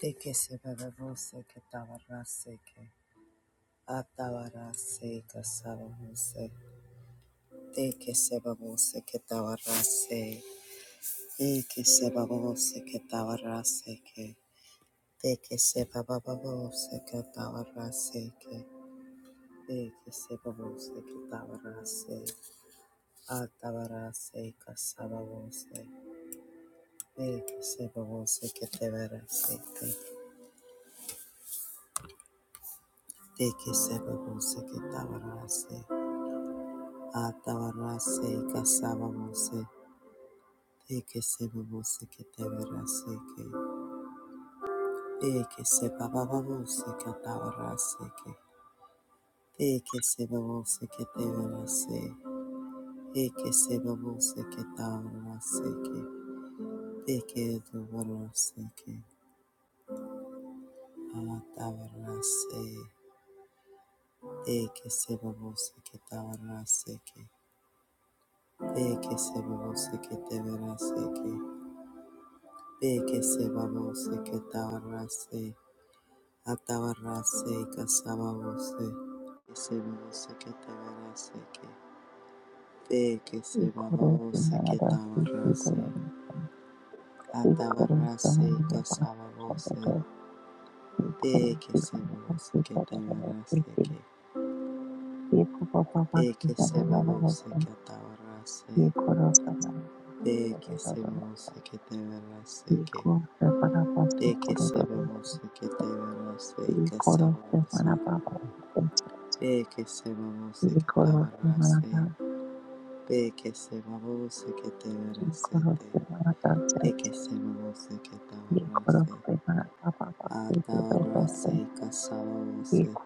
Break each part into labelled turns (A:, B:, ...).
A: De que se bebe ke tavarase ke que atabarase que sabose. De que se bebe ke tavarase tabarrase. De se bebe ke tavarase ke que. De se bebe ke tavarase ke que. De se bebe ke tavarase tabarrase. Atabarase que sabose. De que se bebe ke tavarase ke que. De se bebe ke tavarase Atavarase kasavavose teke sebavose ketevarase ke teke sebavavose katavarase ke teke sebavose ketevarase teke sebavose ketavarase ke teke duvarase ke atavarase teke sebavose ketavarase ke teke sebavose ketevarase ke teke sebavose ketavarase Atabarase kasababose sebabose ketabarase ke te ke
B: Thank
A: sebabose ketabarase atabarase kasababose te ke sebabose ketabarase ke te ke sebabose ketabarase te ke sebabose ketabarase ke te ke sebabose ketabarase kasababose te ke sebabose ketabarase Ve que se babose que te verasete, de que se babose que te abarrase, atabarrase y casabose,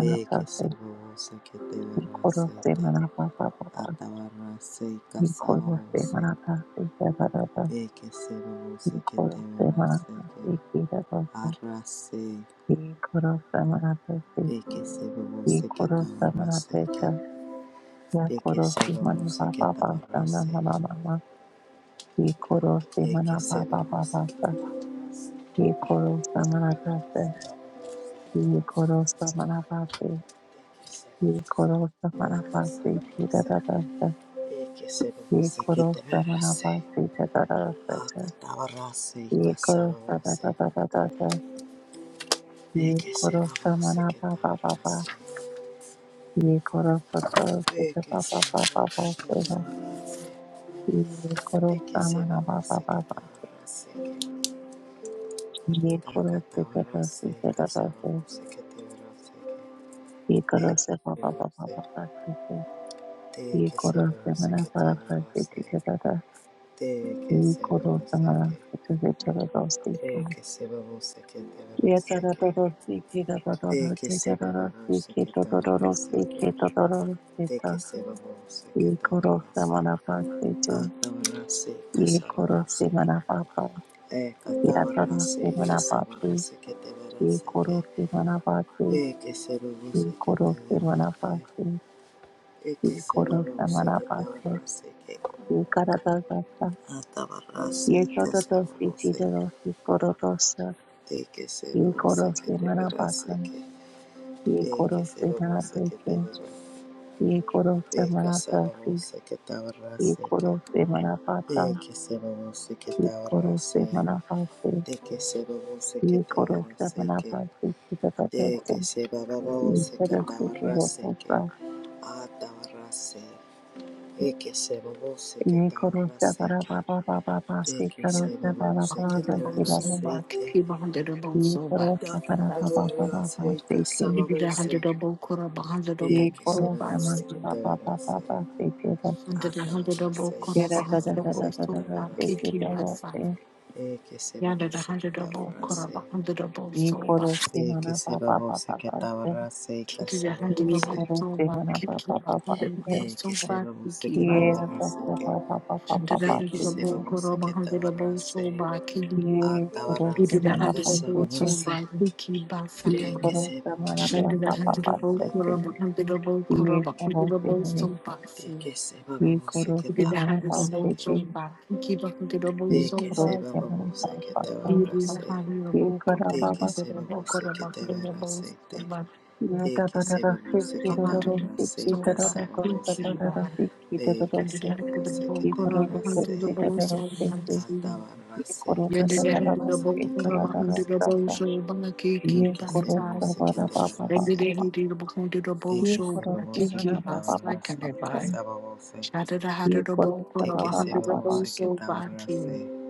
A: ve que
B: you.
A: se babose que te
B: Nikoroste
A: verasete,
B: manapa pa pa pa.
A: atabarrase y
B: Nikoroste
A: casabose,
B: manapa se devara pa.
A: ve que se babose que te
B: Nikoroste manapa
A: verasete,
B: se kira pa pa.
A: arrase,
B: Nikoroste manapa se.
A: ve que se babose que te
B: Nikoroste
A: abarrase,
B: manapa cha.
A: ve que se
B: Nikoroste manapa
A: babose que te
B: pa pa sa na na
A: abarrase,
B: na na na. Nikoroste
A: ve que
B: manapa
A: se
B: pa pa pa
A: babose que
B: sa.
A: te
B: Nikoroste manapa se.
A: abarrase.
B: Nikoroste manapa se.
A: De
B: Nikoroste manapa se kira pa pa sa.
A: que se va, se que te
B: Nikoroste
A: va,
B: manapa
A: se.
B: se devara pa
A: De
B: cha. ye koro sa da da da da da da ye koro sa mana ba ba ba. pa ye koro sa sa sa sa ba ba pa pa pa sa da ye koro sa mana pa pa pa pa ye koro sa sa sa sa sa da da sa ye koro sa pa pa ba ba ba ba sa sa ye koro sa mana pa pa pa sa sa da da da
A: que
B: ye
A: se
B: koro
A: va,
B: sa
A: se
B: mana
A: que.
B: sa sa sa sa da da sa ka
A: Teke sebabo seke tevara
B: ye da da
A: seke.
B: da da sa ki da da da da
A: Teke
B: sa da da da
A: sebabo
B: sa ki
A: seke
B: da da da
A: tevara
B: da sa
A: seke.
B: ki da da da sa
A: Teke sebabo seke
B: ye koro
A: tevara
B: se
A: se.
B: mana pa se te
A: Atavara se
B: ye koro
A: kasababo
B: se
A: se.
B: mana pa pa
A: Eka
B: ya taro
A: tavara se
B: se mana pa se
A: kasababo seke tevara
B: ye
A: seke.
B: koro se mana
A: Teke sebabo
B: ye
A: seke
B: koro se
A: tevara se. Eke
B: ye koro
A: sebabo
B: se
A: seke tevara seke.
B: ye kara
A: Atavara se
B: ye to to to si
A: kasababo
B: ki
A: se.
B: de ro si koro to sa
A: Teke
B: ye
A: sebabo
B: koro
A: seke
B: se mana
A: tevara
B: pa sa
A: seke.
B: ye koro
A: Teke
B: se
A: sebabo
B: mana pe
A: seke
B: ye koro se
A: Eka
B: si
A: sababose que
B: ye
A: tabarrase que
B: koro se
A: de que sababose que
B: ye koro se
A: tabarrase de que sababose que
B: One
A: te
B: crore seven
A: verase
B: na
A: que
B: pa pa pa pa
A: de que sababose que
B: pa
A: tabarrase
B: pa
A: que
B: pa.
A: a tabarrase e que sababose que
B: One crore
A: tabarrase
B: seven na
A: que
B: pa pa pa pa pa pa pa.
A: de
B: One
A: que sababose que
C: hundred of
A: te
C: both so
A: verase
C: back,
A: te
C: give a hundred of both so
B: crore
C: back.
A: da que
B: seven
A: Taka
B: na pa pa pa pa pa pa pa.
A: tabarrase
B: One
A: que
C: Hundred a hundred
A: sababose
C: of both quarter, a hundred of
A: de
C: both
A: que
C: so
B: crore seven
A: sababose
C: fast.
A: que
B: na
A: te
B: pa pa pa pa pa
A: verase a
C: Hundred a hundred
A: tabarrase
C: of both
A: que
C: quarter, a hundred of
A: sababose
C: both
A: que
C: so
A: te
C: back, kicking
A: verase
C: my son.
A: Peke
C: Yonder a
A: sebabose ke
C: hundred of both quarter,
A: tabarase.
C: a hundred of both so back.
A: Peke sebabose
B: pa
A: ke
B: pa.
A: tabarase
C: Kitty a
B: One
C: hundred of
A: kasababose.
C: both
B: crore
C: so back,
B: seven na pa pa pa pa pa pa pa. One crore seven na pa pa pa
C: kicking
B: pa
C: a
B: pa pa pa. One crore seven
C: hundred of both so
A: Peke
C: back,
A: sebabose
C: kicking
A: ke
C: back.
A: tabarase
B: na pa pa pa
A: ke.
B: pa pa
C: Hundred a
B: pa
A: Peke
C: hundred of
B: pa.
C: both quarter,
A: sebabose
C: a
A: ke
C: hundred of both
A: tabarase.
C: so back, kicking.
A: A
B: Ye koro
C: He
B: se
C: did
A: tabarase
C: a
B: mana
C: hundred of both
B: pasete,
C: so
A: kasababose.
C: back, kicking
B: ye
A: Peke
C: back.
B: koro se mana
A: sebabose ke
C: Shanda the
B: plapa
C: hundred of old
A: tabarase
B: pasete,
A: ke.
C: Kuraba, hundred of old
B: ye
C: Kuraba, hundred
B: koro
C: of
B: se
C: old
B: mene,
C: soul boxes.
A: Peke
B: ye
A: sebabose
B: koro
A: ke
C: He
B: se
C: did the
B: mana
C: hundred of
A: tabarase
C: old
A: ke.
C: soul
B: pasete,
C: box. He keep a hundred of old
B: ye
A: Peke
C: soul
B: koro
C: box.
B: se mana
A: sebabose ke
C: He
B: pasete,
C: did the
A: tabarase.
C: hundred of
B: ye
C: old
B: kara
C: Kuraba,
A: Peke
B: baba,
C: hundred
A: sebabose ke
C: Kuraba, hundred of
A: tabarase ke.
B: ye
A: De
B: da
A: que
B: da da
C: A
A: se
B: da se
A: babose
B: ki
A: que
B: do
A: te
B: do
C: hundred
B: do
C: of
B: se
A: abarrase, y
B: ki da da da ko
C: He
B: se da
A: casabose,
C: keep
B: da da
C: the
B: se ki da da
A: de
B: do
A: que
C: hundred
A: se
B: se,
A: babose que
B: ye
A: te
B: koro do
C: Kuraba,
B: ko
C: hundred
B: se
C: of
A: abarrase,
B: da
C: old
B: da do
C: soul
B: se ki,
C: box. He
B: ye
A: atabarrase, y
B: koro se da da da
A: casabose
B: se
A: que te
B: kara
C: Kuraba,
B: da da
C: hundred
A: abarrase,
C: of
B: da da,
A: que
C: He
A: de
B: ye
C: keep the
A: que se
B: koro se
C: hundred.
A: babose que te
B: bara baba
A: abarrase,
B: baba.
C: Shandra
A: que de
B: Ye
A: que se
B: koro se
A: babose que
B: mana
A: te
B: ba ba ba
A: abarrase,
B: ba
A: y
B: ba.
A: casabose,
B: Ye koro se
A: de
B: ba
A: que
B: ba
A: se
B: ba ba ba
A: babose que
B: se.
A: te abarrase,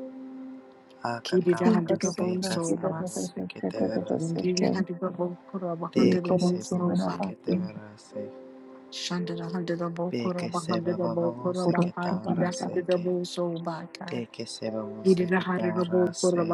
B: Ye koro
A: acatabarrase,
B: do
A: y
B: ka se da da da
A: casabose
B: da
A: que
B: se
A: te
B: da da da se
A: abarrase,
B: se.
A: que
B: Ye
A: de que
B: koro
A: se
B: se mana
A: babose
B: ba
A: que
B: se.
A: te
B: Ye
A: abarrase, Beke seba babo
B: koro se mana
A: seketara
B: ba.
A: seke. Teke seba bo seketara se.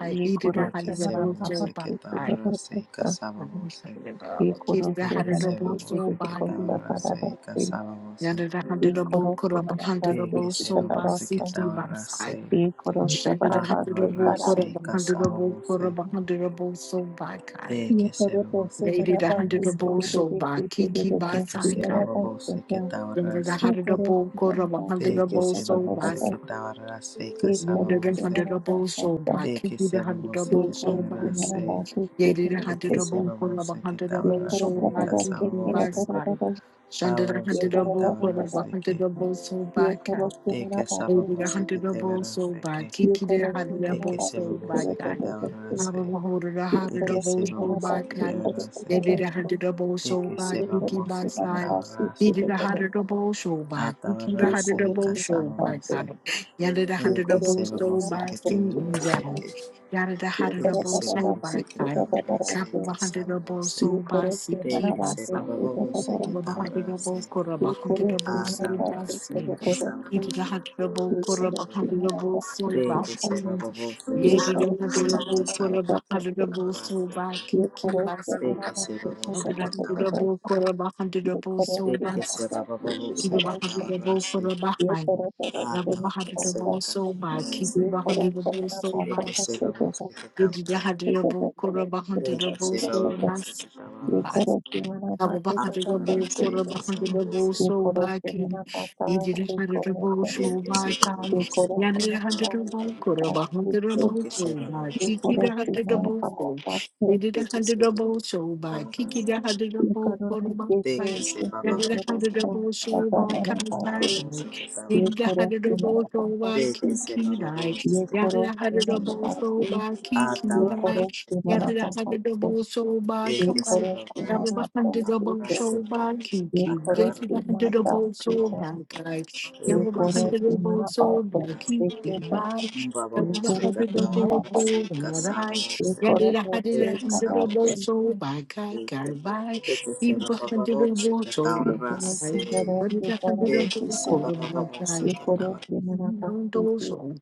B: Ye koro
A: Eke
B: se
A: seba
B: mana ba
A: bo
B: ba se se da da
A: seketara
B: da
A: se
B: se.
A: kasaba bo se.
B: Ye koro se
A: Beke
B: mana
A: seba
B: se
A: bo
B: se se se ko se
A: seketara
B: ba da da
A: se
B: se.
A: kasaba bo se.
C: Yada da hundred
B: Ye
C: double,
B: koro
C: could
B: se
C: have a
B: mana ba
C: hundred
B: se
A: Beke
C: double,
B: se
C: so
B: da
A: seba
B: da
A: bo
C: by
B: da se.
C: six by
A: seketara
C: five.
A: se.
B: Ye koro se
C: Shaded
B: mana
C: a
B: ba
C: hundred
B: se
C: double,
A: Atara
B: kara.
C: could have
A: se
C: a hundred
A: kasaba
C: double,
A: bo
C: could
A: se.
C: have a hundred double, so by kind.
B: Ye
A: Beke
B: koro
A: seba
B: to
A: bo
B: se
C: Lady
B: mana
C: the
B: ba
A: seketara
C: hundred
B: se se
C: double,
B: da
A: seke.
B: da
C: so
B: da
C: by
B: se da
C: Kiki
B: da da
C: by
A: Teke
B: se
C: side
A: seba
B: mana
C: kind.
B: ba
A: babo
B: se da.
C: Yonder
A: seketara
C: the
B: He
C: hundred
A: seke.
B: koro
C: double, could
B: simana
C: have a
B: bhakti
C: hundred
B: ke
A: Beke
C: double,
A: seba
B: kata
C: so
B: kata
A: bo
C: by
B: kata.
C: side.
A: seketara se
B: He
A: kasaba
C: Yonder
B: koro
A: bo
C: the
A: se.
C: hundred
B: simana
C: double,
B: bhakta
C: so
B: sa.
C: by
A: De que
C: Kiki the
A: se
C: hundred
A: babose
B: He
C: double,
A: que
C: so
B: koro
C: by
B: simana
C: King.
A: tabarase,
B: bhakti ke
C: Yady the
B: kata
A: de
C: hundred
A: que se
B: kata.
C: double, could have a
A: babose que
C: hundred
B: He
C: double,
B: koro
C: so
B: kata
A: tabarase,
C: by
B: kata
C: Kiki
B: ke
C: by
B: kata
A: casabose,
B: kata
C: side.
B: kata.
C: Shaded a
B: He
C: hundred
A: babose que
B: koro
C: double,
B: kata
C: could have
B: kata.
C: a
A: tabarase
C: hundred
A: que,
C: double, so
B: He
C: by kind.
B: koro
A: de
B: simana
A: que
B: bhakti.
C: Holding a
A: sababose que
C: hundred double so
A: tabarase
C: bad.
A: que,
B: He
C: Kiki the
B: koro
C: hundred
A: de
B: simana
C: double
A: que se
B: bhakti
C: so
B: ke
C: bad
B: kata
A: babose que
C: guy.
B: kata kata.
A: tabarase,
C: Honorable holding a
B: He
A: de
C: hundred
A: que
B: koro
C: double
A: se
C: so
B: simana
A: babose
C: bad
A: que
B: bhakti ke
C: guy.
B: kata
A: tabarase
B: kata
C: They
A: que,
C: did a
B: kata.
C: hundred double
A: de
C: so
A: que se
C: bad.
B: He
C: Kiki
B: koro
C: by
A: babose que
B: simana
C: side.
B: bhakti ke
C: He did
A: tabarase,
B: kata
C: a
B: kata.
C: hundred double so
A: a
C: bad. Kiki the
B: He
C: hundred
A: tabarase
B: koro
A: y
C: double
B: simana
C: so bad
B: bhakti.
C: guy.
A: casabose,
C: Yonder the
B: He
A: de
C: hundred
A: que
B: koro
C: double
A: se
C: so
B: simana
A: babose
C: bad.
A: que
B: bhakti ke
C: Feet
A: tabarase
C: down.
A: que,
C: Yonder the
B: ये
C: hundred
A: de
B: करा
A: que
C: double
A: se
B: दादा
C: so
B: दादा
C: bad
A: babose que
B: से
C: guy.
B: दादा दादा
A: tabarase y
B: से
C: Couple of hundred double
A: casabose.
C: so
B: ये
C: bad.
B: करे करे करे करे करे करे करे करे मना
A: take
B: मना
C: Kiki
A: que
C: by
A: se
B: Wasay
C: side.
B: से
A: bababo
B: दादा
A: se
B: दादा
A: que
B: से
C: Abahadirabo
A: tabarase,
C: Kora
B: ये करे से
C: Bahadirabo
A: a
B: मना वासे से
A: tabarase
C: Silvasi,
A: que sabarase que
C: Idahadirabo
B: ये
A: tabarase
C: Kora
B: करे से
A: que.
B: मना
C: Bahadirabo
B: वासे
A: De
B: दादा
A: que
C: Silvati,
A: se
B: दादा
A: bababo se
B: से
A: que
B: ये
C: Lady
B: करे से
A: tabarase
B: मना
A: que
C: Yanadirabo
B: वासे
C: Kora
B: दादा दादा से
C: Bahadirabo
A: sabarase.
C: Silvaki
B: ये करे से
C: Kilasi,
A: De
B: मना
A: que se
B: वासे से
A: bababo se
B: दादा
A: que
B: दादा से
A: tabarase.
C: Abahadirabo Kora Bahadirabo
A: De que
C: Silvas.
A: se bababo se
C: Ibu
A: que
C: Bahadirabo
A: tabarase,
C: Kora
B: ये
C: Bahai,
B: करे दादा
A: a
B: से
C: Rabba
B: मना
A: tabarase
C: Bahadirabo
A: que
B: वासे
C: Soba, Kiki
A: sabarase.
B: ये करे से मना
C: Bahadirabo
A: De que
C: Sobas,
A: se bababo se que
C: Lady
A: tabarase.
B: Thank
C: Yahadirabo Kora
A: take que
C: Bahadirabo
A: se
B: you.
A: bababo se que
C: Sobas.
A: tabarase,
B: Yekorofina
C: Kaba
A: a
B: Matita
C: bakanda rabo
A: tabarase
C: kora
B: Batasika,
A: que
C: bakanda rabo
A: sabarase.
C: so baki.
B: Yekorofina Pata,
C: Idile handa rabo
B: Yekorofina,
A: De
C: so
A: que se
C: baki.
A: bababo se que
B: Yekorofina
C: Yandere handa
A: tabarase.
C: rabo kora
B: Pata,
C: bakanda rabo
A: Teke
C: so
A: se baba se
C: baki.
A: kata.
C: Kida handa
B: Yekorofina
C: rabo so.
B: Pata,
C: Idile
A: Teke
C: handa
A: se
C: rabo so
A: baba
C: baki.
A: kata
C: Kida
A: se.
C: hundred rabo kora
B: Yekorofina
A: Teke
C: baki.
A: se baba baba
C: Yandere handa
B: Pata,
C: rabo so
B: Adamana
C: baki.
B: Pati,
C: Kaibai.
A: se kata baba se baba.
C: Idile handa
B: Yekorofina
C: rabo so
B: Pata,
A: Teke
C: baki.
A: se baba
C: Kidai.
A: baba se kata
C: Yandere handa
B: Yekorofina
A: se.
C: rabo so
B: Pati,
C: baki.
B: Yekorofina
A: Ata
B: Pata,
A: baba
C: Kidai.
A: se
B: Yekorofina
C: Yandere
A: kata.
B: Pata,
C: handa rabo so
A: Teke
C: baki.
A: se baba baba
C: Yaba bahandi double
A: se
C: show
A: kata baba se ke.
C: bag kiki.
A: Ata baba
C: Jesi
A: se
B: Yekorofina
C: bahandi double
A: kata
C: show
B: Pata,
A: baba.
C: bag kai.
A: Teke se baba se ke. Baba se kata baba se
C: Yaba
B: एक और
C: bahandi
A: kata
B: से
A: baba
B: मेरा
C: double
B: पास
C: show
B: है
C: bag
B: एक
C: kiki
B: बेटा
C: bag. Yaba
B: एक और
C: bahandi
B: से मेरा
C: double
B: पास
C: show bag.
B: एक और
C: Yada
B: तो
C: bahandi
B: से
A: se.
C: bahandi
B: कदा
A: baba
B: से
C: double show bag kai
A: Thank
C: kai bag. Yaba bahandi double show bag
B: एक और
C: kai.
B: से जरा से
C: Yada
B: कर
C: bahandi
B: में
C: double
B: Sita
C: show bag kai.
B: एक और से मेरा पास
C: Don't
B: है
C: show.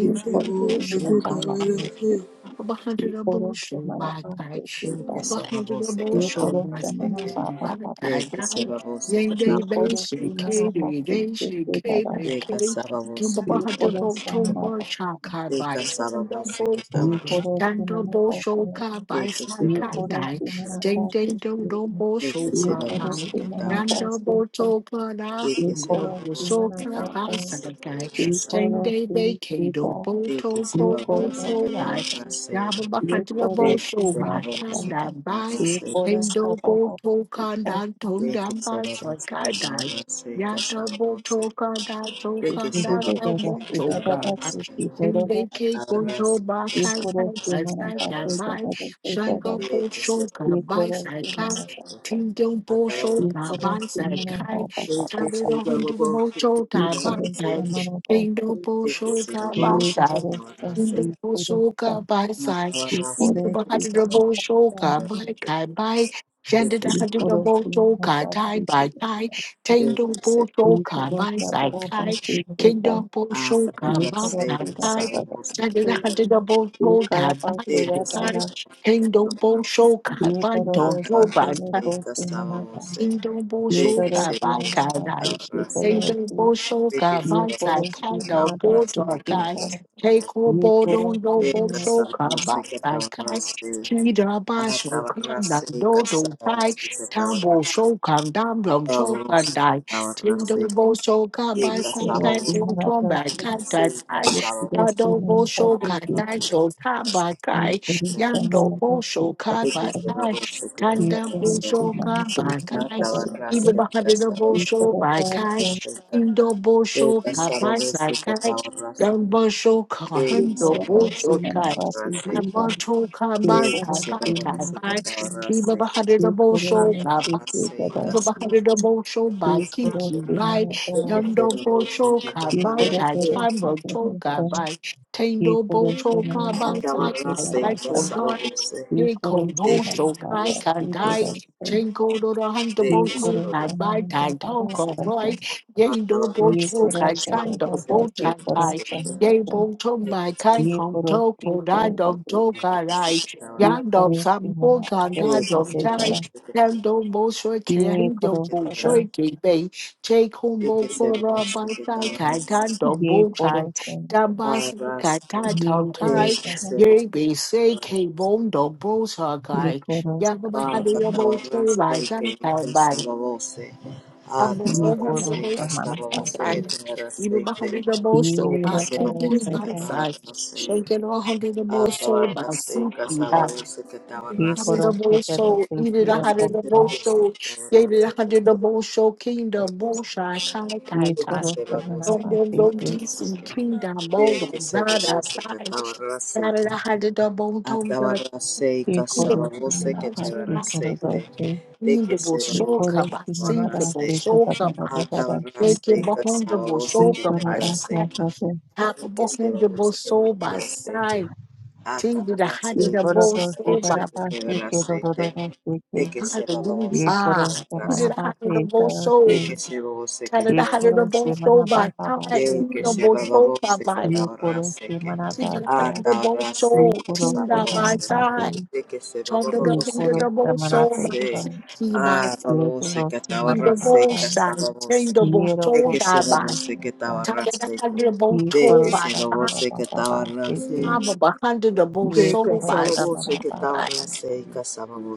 A: you.
B: एक और
C: double
B: से मेरा
C: show kai
B: पापा
C: bag.
B: है एक और
C: Abahadirabosho
B: से मेरा पास है
C: bagai,
B: सीता एक
C: abahadirabosho
B: और से मेरा
C: makiki
B: पापा पापा
C: bagai,
B: है
C: yende
B: एक और
C: beshi
B: से मेरा पास
C: kiri
B: है
C: deshi
B: सीता
C: kiri kiri,
B: एक और
C: tumbabahadirabo
B: से मेरा
C: tumba
B: पास
C: shakai bai, tandabofo,
B: एक और
C: tandabosho kabai
B: एक
C: sakai
B: और
C: dai,
B: से मेरा पास
C: dende
B: है
C: dodo bosho kabai,
B: Yekorosi manapase,
C: yandaboto kada,
B: yekorosi
C: handabosho
B: manapapa,
C: kabai sakai, dende
B: yekorosi
C: bekedo
B: kita,
A: de que
C: boto
A: se va
C: ko
A: a voce
C: boto
A: que
B: yekorosata,
A: trabajarse, de
C: Yababakatiabo
B: yekorosi
A: que
C: show
A: se va a
B: masata,
A: voce que
C: Bakanda by
A: trabajarse
C: Vendo
A: casado,
B: yekorosapapa,
C: Boto
B: kita,
C: Kanda
A: de que se
C: Tondamba
A: va a voce que
C: Sakada
A: trabajarse
C: Yada
A: casado voce,
C: Boto Kanda
A: de que se
C: Tokanda
A: va a voce
B: yekididididasi,
A: que
C: Boto Kanda
A: trabajarse,
B: dadadasi,
C: Sendeke
B: kidorodosi,
C: Boto
A: trabajarse casado
C: Bakanda
B: yekorosi
A: voce que
C: Basaka
B: manapase,
A: trabajarse,
C: by
B: dadadasi, dada,
C: Shango
A: de que se
C: Boto
A: va a voce que
C: Kabai
B: yekorosi
C: Sakai
A: trabajarse,
B: manapasa,
C: Tindon Boto
A: acabarse,
C: Kabai
B: yekorosi
C: Sakai
A: de que
B: manapapapapapa,
A: se
C: Tabitha
A: va a voce que trabajarse, de que se va a voce
C: Hundi Boto Kabai
B: yekorosi
C: Kai Kingdo
B: manapase,
C: Boto
B: ye
C: Kabai
A: que
B: korosa
A: trabajarse,
B: ye korosa
C: Indabosoka by side,
B: ye
A: acabarse
B: korosi
A: casado voce
B: namasa
A: que
C: Indabahadabosoka by
A: trabajarse.
C: Kai by
A: Thank you.
B: ye korosi
C: Shandadabosoka
B: namasa
C: tie
B: ye
C: by tie,
B: korosa ye
C: Tandobosoka by
B: korosa
C: side tie,
B: barabasi keta
C: Kindabosoka
B: ye
C: by
B: korosi
C: tie,
B: barabasi ye
C: Shandadabosoka by tie
B: karabasi
C: tie,
B: bara
C: Tandobosoka
B: ye
C: by Tonto
B: korosi tere
C: by
B: kosi manaba
C: Kingdom
B: ye torosi manabasi ye torosi ye korosi manabasi keta ye korosi manabasi ye
A: Eka
B: korosi
A: sabavos
B: manabasi
A: Thank you.
B: Thank
C: Kanda
B: you.
C: Bosho Gabakai,
A: Atabarra
C: Iba Bosho Bakai, Indo Bosho Gabai Sakai, Gambosho Kahando Bosho Kai, Mamboto Kabai Tabai Tabai, Kiba Bosho Bosho by Kiki by Yondo Bosho by Tachambo Toga by Tendo Bosho by Sakai
A: se
C: by
A: casaba
C: Tondai
A: você.
C: Nikon
A: Thank you.
C: Bosho by Kandai Chengo Dora Hunter
B: Ye
C: Bosho
B: korosa
C: by
B: mani baba
C: Tantoko
B: basata.
C: Roy
A: Ah,
C: Yendo
A: tabarra
B: Ye
C: Bosho
A: seca,
C: by
B: korosa baba
C: Kando
B: date
C: Bochatai
B: korosa
C: Yay
B: manate.
C: Bosho by Kai
B: Ye
C: Kong
B: korosi
C: Toko Dad
B: korosa
C: of
B: te.
C: Toga Rai
B: Ye
C: Yandom
B: korosi
C: Sampo
B: mana
C: Gandad
B: adete date
C: of
B: kara.
C: Kando bolshoi kiri
B: Ye
C: do
B: korosa ta.
C: bolshoi kibei. Take home bokora bantai kaitan do
B: Ye
C: bolchai.
B: korosa.
C: Dabas kaitan
B: Ye
C: tom tai.
B: korosa ta.
C: Yeri be say kibon do bolsa
B: Ye
C: guy.
B: korosa
C: Yagabahadu
B: manata.
C: yo bolshoi lazan kai bai. I'm the
B: Ye
C: same the
B: korosa
C: most
A: estaba vos
B: manapate.
A: que
C: inside.
A: te
C: Even behind
A: agarraste.
C: the most so
B: Ye
C: by kicking
A: Ekesebose
B: korosa
A: que
C: by
B: ta.
C: side.
A: tabarrase,
C: Shaking all hundred the most so by
A: atabarrase,
C: soup.
A: casabose que
B: Ye
A: tabarrase,
B: korosa jara
C: Hallelujah,
B: te
C: eat a
B: tira
C: hallelujah,
B: korosa.
A: ekesebose
C: so
A: que
C: gave it. Hadidabosho, Yedida Hadidabosho, Kingdom Boshai,
B: Ye
C: Kalakaita,
A: se
B: korosa
A: babose
C: Dom
A: que
C: Dom
B: manapate.
C: Dom
A: tabarrase,
C: DC, Kingdom
A: ekesebose que tabarrase, ekesebose
C: Bodo,
A: que se
C: Vada,
A: babose que
C: Sai,
A: tabarrase,
C: Sadada Hadidabon Tom Dog,
A: atabarrase,
C: Edidable
A: casabose
B: Yekorosima
A: que
B: pasi
A: tabarrase,
B: karadase,
A: ekesebose que se babose que tabarrase, atabarrase, casabose
C: come
A: que tabarrase,
C: by
B: yekorosima
A: ekesebose
C: Sinkable
B: narase
C: so come by
B: kadadadadadase,
C: Shaking Bahondable Soka by
B: yekorabasa
C: Side,
B: kate,
C: Tap
A: que
C: Tapable
A: se
C: Hundable
A: babose que
C: Soul by
A: tabarrase,
C: Side, Tinged the
A: agarra aceite,
C: Hadidabo
B: yekorodose
C: Soul
A: sabonce
C: by
A: que
B: barabase
A: quebra aceite,
B: kedodododose
A: de
B: ke,
A: que se va
C: Hallelujah.
A: babose que
C: Ah,
A: agarra
C: he
B: yekorosima
C: did a
A: aceite,
C: hundred
B: nabate
C: of most
A: de
C: souls.
B: tarase,
A: que se babose que
C: Kind of the
A: agarra
C: hundred of most
B: yekorosima
C: soul by time.
B: nabatabase
C: He
A: de que
C: the
B: ke,
A: se va
C: most soul by
A: babose que
C: by.
A: agarra
B: yekorosima
A: aceite,
C: He did a hundred
B: nadasa,
C: the
A: agarra
C: most soul.
A: aceite,
C: Team by
B: yekorosima
C: my
A: sabonce,
C: side.
B: nabate,
A: de que se va
C: Chonda the
A: babose
C: hundred
A: que
C: the
B: yekorosima
C: most
A: agarra
C: soul by
B: nateka,
A: aceite,
C: Tiki by
A: ah,
C: side.
A: babose que
B: yekorosima
C: In
A: agarra
C: the
B: nabata,
A: aceite,
C: most side. Team
A: sabonce,
C: the most
A: de
C: soul
A: que se
C: die
B: yerokosima
C: by.
A: babose que
B: nabasa.
C: Time
A: agarra
C: the
A: aceite,
C: hundred the most
B: Ye
A: de
C: soul
A: que
B: koro
C: by
A: se
B: sama
C: time.
B: ba
A: babose
B: ba
A: que
B: ba ba
A: agarra
B: se
A: aceite.
B: ke.
C: Time of a hundred of most
B: Ye
A: Eka
C: soul
B: koro
C: by.
B: sama
C: six.
A: sababuso
B: ra
A: que
B: ba ba ba
A: tabarrase
B: se.
A: eka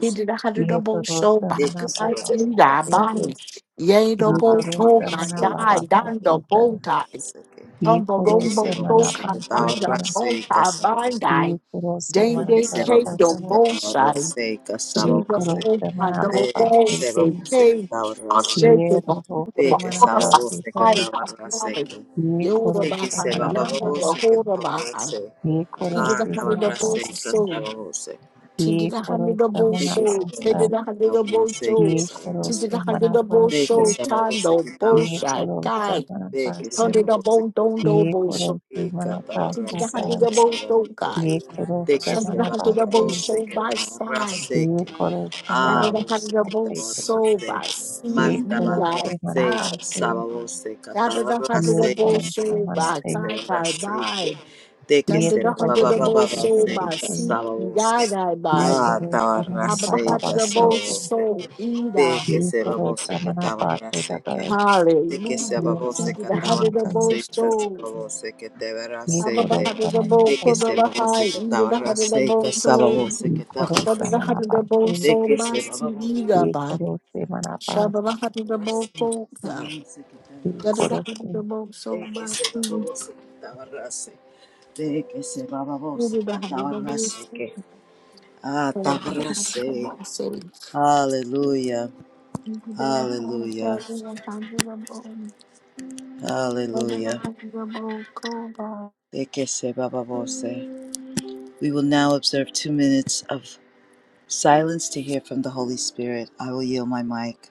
C: He did a hundred
B: Ye
C: double
B: toro
C: show
B: sama
C: back.
A: eke
B: ra ba
C: I
B: ba
C: see
A: sababuso
B: ba
A: que
C: that
B: se ke.
C: bunny.
A: tabarrase
C: Yay,
B: Ye
A: ah
C: double
B: toro
C: talk.
B: sama
C: and
B: ra
A: tabarrase
B: ba
A: eka
B: ba
C: die.
B: ba
C: Down
B: se
C: the
B: ke.
C: bow tie.
A: sababuso que tabarrase que
B: Ye
C: Tumble,
A: eke
B: koro
C: rumble,
B: sama ra
C: talk.
A: sababuso
B: ba
C: I
A: que
B: se
C: die.
B: ke.
C: The
A: tabarrase
C: bow
A: eka
C: tie.
A: sababuso
C: Bind die.
B: Ye koro
C: Day,
B: sama ra
A: eke
C: day,
B: ta
C: cake.
B: ta
C: The
B: ta.
A: sababuso que
C: bow side.
A: tabarrase eka
C: See
B: Ye
C: the
B: koro
A: sababuso
C: bow
B: sama
C: tie.
B: ba
C: The
B: ba
A: eke
C: bow
B: se ke.
C: say,
A: sababuso que
C: cake. I'm
B: Ye
A: tabarrase
C: shaking.
B: toro
C: The
B: sama
A: eke
B: ra
C: bow side.
B: se
A: sababuso
B: ta.
A: que
C: I
A: tabarrase
C: love it.
B: Ye
C: You're the Yoda
B: koro
A: eke
B: sama
C: behind.
B: ba ba.
C: you
A: sababuso
C: the
A: que
C: hold of behind.
A: tabarrase
B: Ye
C: He
B: koro
C: did
A: ah
C: a hundred
B: sama ra ba
C: double
A: tabarrase
B: ba.
A: eka
C: soon
A: sababuso
C: to
B: Ye
C: the
B: koro
C: hundred double
B: sama
A: de que
B: ba
A: se
C: soul, to the
A: babose que
C: hundred
A: estaba na
C: double
A: se que
B: ye
C: soul, to
A: se babose
B: korosi
C: the hundred double
A: de
B: manapasi,
A: que
C: soul,
A: se babose
C: tando,
A: que estaba
B: ye
A: na
C: bullshit,
B: korosa
C: guy,
A: de que se
B: manapasi,
A: babose
C: hundredable
A: que estaba
C: double
A: na
B: ye
A: se
C: bullshit,
B: korosi
A: y que estaba
C: to
A: na
C: the
B: manapasata,
A: se
C: hundred
A: que
C: double
A: se
C: soul,
A: babose
B: ye
C: God,
B: korosa
A: Teke
C: send
A: se
C: the hundred
A: baba
B: manapasi,
A: babo
C: double soul
A: seke
C: by
A: tabarra
C: sign,
B: ye
A: seke.
B: korosa
C: that is the
A: Abo
C: hundred
A: se que
C: double
B: manapasi,
A: tabarra
C: soul
A: se.
C: by
B: ye
C: see
A: Manda
C: you,
A: barra
B: korosi
C: God, God,
A: seke
B: manapasi,
A: se que
C: that is the
A: tabarra
C: hundred
B: ye
C: double
A: seke
B: korosa
C: soul
A: sababo
C: by
A: seke
B: manapasi,
C: sign,
A: tabarra
C: God,
A: se
C: by.
A: que Teke
C: Done
B: ye
A: se
C: the hundred
A: baba baba
C: double old
B: torotorosi
A: baba
C: soul by
A: seke
B: manapasi,
C: seeking
A: sababo
C: God,
A: se.
C: I
B: ye
C: by.
A: Ah,
B: korosa
A: tabarra
C: I'm the hundred
A: seke
C: double
B: manapapapasi,
C: old
A: sababo se.
C: soul, either.
A: Teke
B: ye
A: se babo
B: korosa
A: seke tabarra
B: manapasi, ye korosi manapasi,
A: seke. De que se
C: Hallelujah. See
A: babose
C: to the heart
A: cataba
C: of the bold
A: aceite, se
C: soul.
A: babose que te verá
B: ye
C: Abba the
A: aceite.
C: heart
B: korosa
C: of the
A: De
C: bold,
A: que
B: manapasi,
C: Kodo
A: se
C: the
A: babose
C: high, into
A: cataba
C: the heart of the
A: aceite,
C: bold
A: se
C: soul.
A: babose
B: y
A: que te verá
B: corose
C: Shabba the heart
A: aceite.
C: of the bold
B: manabasi
A: De
C: soul,
A: que se
C: Masi
A: babose
C: Ida
B: y
C: Ba.
B: corose
C: Shabba the
B: manabasi
C: heart of the bold
A: aceite,
C: soul.
A: se babose que te verá
C: Get the heart
A: aceite.
C: of the
B: corose.
C: bold soul,
A: De que se
C: Masi.
A: babose cataba aceite. De que se babose
C: Into the heart of the
A: cataba
C: bold soul.
A: aceite. Ah,
C: Kodo the heart of the
A: tabrase.
C: bold soul.
A: Hallelujah.
C: Into the heart of the
A: Hallelujah.
C: heart of the bold. Yada the heart
A: Hallelujah.
C: of the bold, Kodo.
A: De que se babose. We will now observe two minutes of silence to hear from the Holy Spirit. I will yield my mic.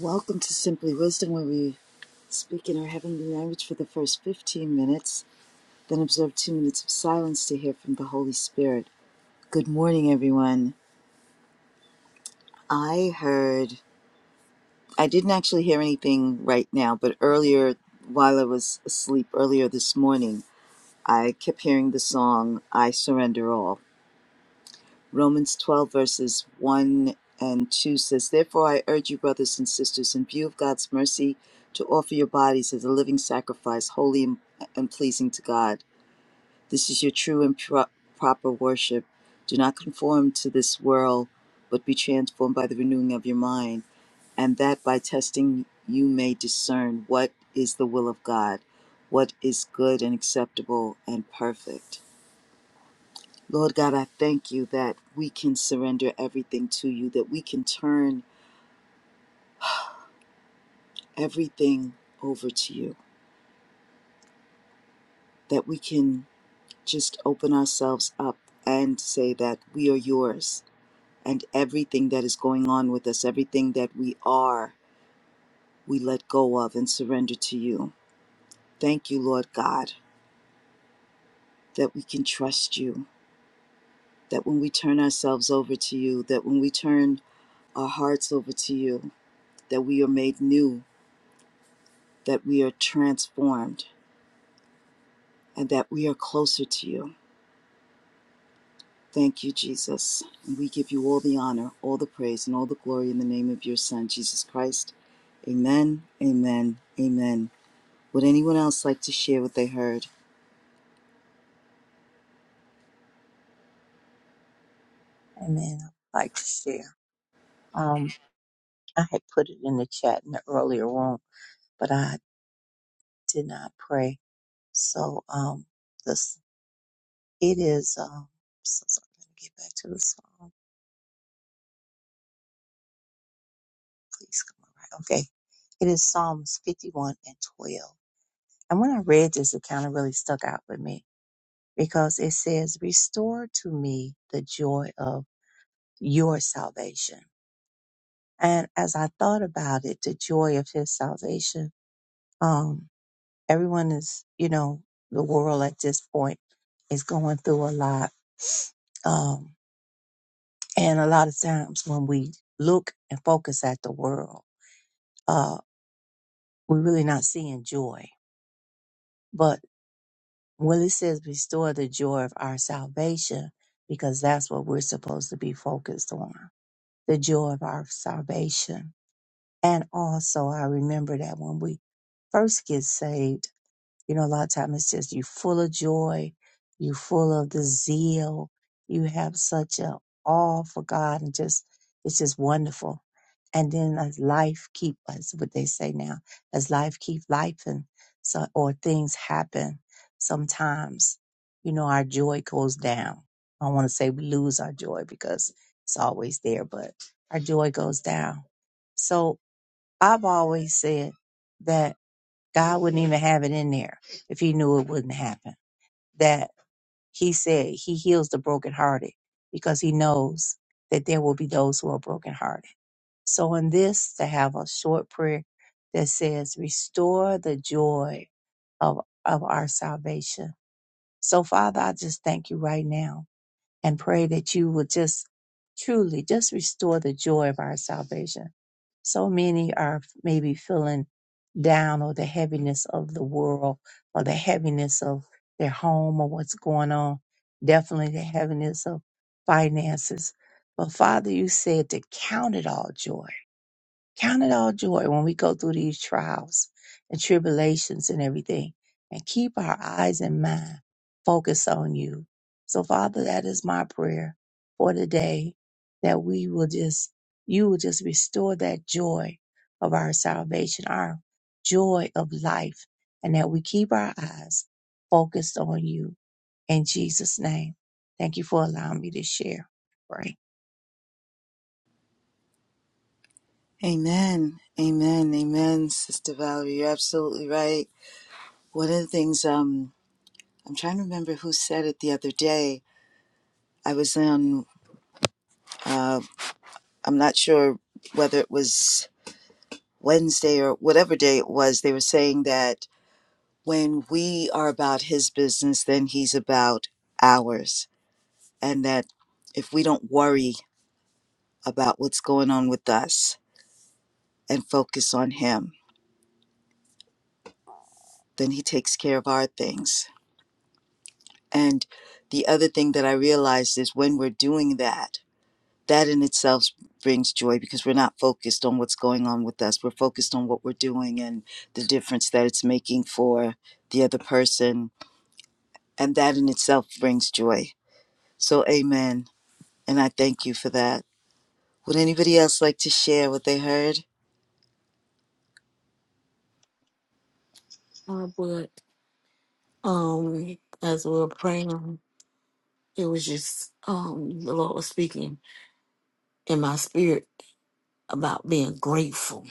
A: Welcome to Simply Wisdom, where we speak in our heavenly language for the first 15 minutes, then observe two minutes of silence to hear from the Holy Spirit. Good morning, everyone. I heard, I didn't actually hear anything right now, but earlier, while I was asleep earlier this morning, I kept hearing the song, I Surrender All Romans 12, verses 1 and 2 says, Therefore I urge you, brothers and sisters, in view of God's mercy, to offer your bodies as a living sacrifice, holy and, and pleasing to God. This is your true and pro- proper worship. Do not conform to this world, but be transformed by the renewing of your mind, and that by testing you may discern what is the will of God, what is good and acceptable and perfect. Lord God, I thank you that we can surrender everything to you, that we can turn everything over to you, that we can just open ourselves up and say that we are yours. And everything that is going on with us, everything that we are, we let go of and surrender to you. Thank you, Lord God, that we can trust you, that when we turn ourselves over to you, that when we turn our hearts over to you, that we are made new, that we are transformed and that we are closer to you. Thank you, Jesus. And we give you all the honor, all the praise, and all the glory in the name of your Son, Jesus Christ. Amen, amen, amen. Would anyone else like to share what they heard?
B: Amen. I'd like to share. Um, I had put it in the chat in the earlier room, but I did not pray. So um, this it is. Um, so, so I'm gonna get back to the song. Please come on. Right. Okay. It is Psalms 51 and 12. And when I read this, it kind of really stuck out with me because it says, "Restore to me the joy of your salvation." And as I thought about it, the joy of his salvation, um, everyone is, you know, the world at this point is going through a lot. Um, and a lot of times when we look and focus at the world, uh, we're really not seeing joy. But when it says restore the joy of our salvation, because that's what we're supposed to be focused on, the joy of our salvation. And also I remember that when we first get saved, You know, a lot of times it's just you full of joy, you full of the zeal, you have such a awe for God and just it's just wonderful. And then as life keep as what they say now, as life keep life and so or things happen sometimes, you know, our joy goes down. I don't want to say we lose our joy because it's always there, but our joy goes down. So I've always said that God wouldn't even have it in there if he knew it wouldn't happen. That he said he heals the brokenhearted because he knows that there will be those who are brokenhearted. So in this, to have a short prayer that says, restore the joy of, of our salvation. So Father, I just thank you right now and pray that you will just truly just restore the joy of our salvation. So many are maybe feeling down or the heaviness of the world or the heaviness of their home or what's going on. Definitely the heaviness of finances. But Father, you said to count it all joy Count it all joy when we go through these trials and tribulations and everything, and keep our eyes and mind focused on you. So, Father, that is my prayer for today that we will just, you will just restore that joy of our salvation, our joy of life, and that we keep our eyes focused on you in Jesus' name. Thank you for allowing me to share. Pray.
A: Amen, amen, amen, Sister Valerie. You're absolutely right. One of the things um, I'm trying to remember who said it the other day. I was on, uh, I'm not sure whether it was Wednesday or whatever day it was. They were saying that when we are about his business, then he's about ours. And that if we don't worry about what's going on with us and focus on him, then he takes care of our things. And the other thing that I realized is when we're doing that, that in itself brings joy because we're not focused on what's going on with us. We're focused on what we're doing and the difference that it's making for the other person. And that in itself brings joy. So, amen. And I thank you for that. Would anybody else like to share what they heard?
C: Uh, but, um, as we we're praying. It was just um the Lord was speaking in my spirit about being grateful.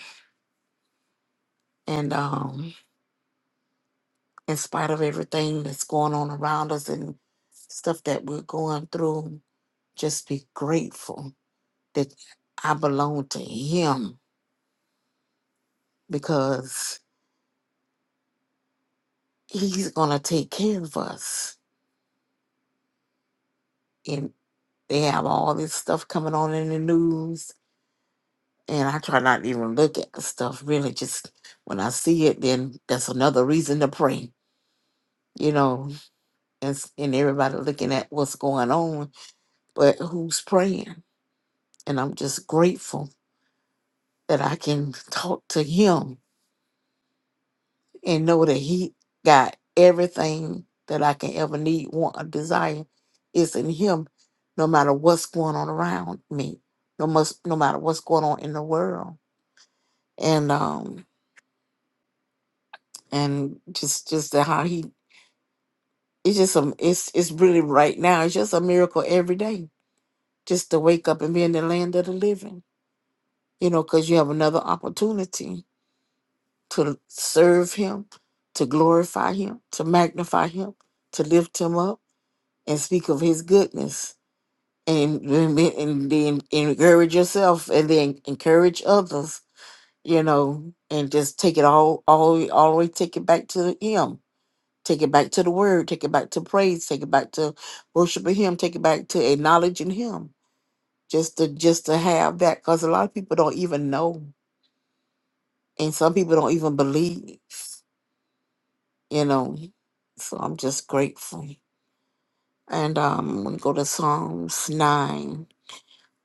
C: And um in spite of everything that's going on around us and stuff that we're going through, just be grateful that I belong to him because he's gonna take care of us. And they have all this stuff coming on in the news. And I try not to even look at the stuff really just when I see it, then that's another reason to pray. You know, and, s- and everybody looking at what's going on, but who's praying? And I'm just grateful that I can talk to him and know that he got everything that I can ever need, want, or desire is in him, no matter what's going on around me, no must, no matter what's going on in the world. And um and just just the how he it's just um it's it's really right now, it's just a miracle every day. Just to wake up and be in the land of the living you know, because you have another opportunity to serve him, to glorify him, to magnify him, to lift him up and speak of his goodness and then and then encourage yourself and then encourage others, you know, and just take it all all all the way take it back to him. Take it back to the word, take it back to praise, take it back to worshiping him, take it back to acknowledging him. Just to just to have that because a lot of people don't even know And some people don't even believe, you know. So I'm just grateful. And um, I'm going to go to Psalms 9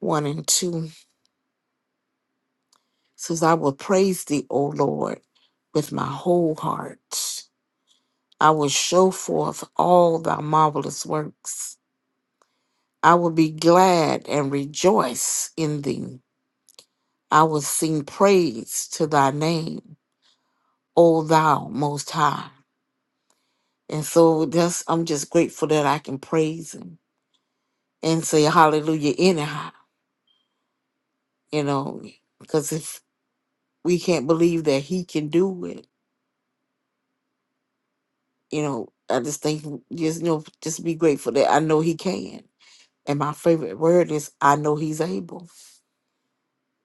C: 1 and 2. It says, I will praise thee, O Lord, with my whole heart. I will show forth all thy marvelous works. I will be glad and rejoice in thee. I will sing praise to thy name, O thou most high. And so that's I'm just grateful that I can praise him and say hallelujah anyhow, you know, because if we can't believe that he can do it, you know, I just think just you know just be grateful that I know he can. And my favorite word is I know he's able.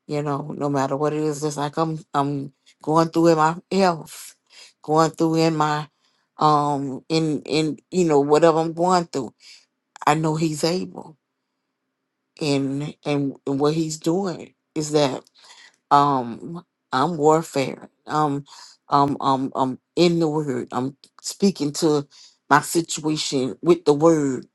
C: You know, no matter what it is, just like I'm I'm going through in my health, going through in my um in in you know whatever I'm going through, I know he's able. And and, and what he's doing is that um I'm warfare. Um um um I'm in the word. I'm speaking to my situation with the word,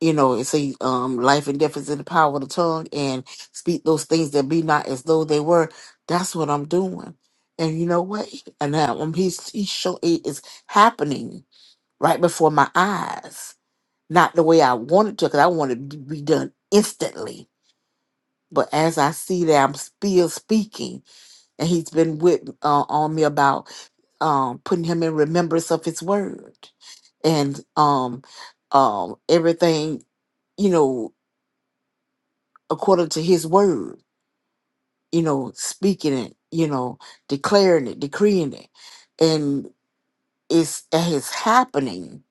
C: you know, and say um life and death is in the power of the tongue and speak those things that be not as though they were. That's what I'm doing. And you know what? And now um, he's he's show it is happening right before my eyes. Not the way I wanted to, because I wanted to be done instantly. But as I see that I'm still speaking and he's been with uh, on me about um, putting him in remembrance of his word and um, um, everything you know according to his word you know speaking it you know declaring it decreeing it and it's and it's happening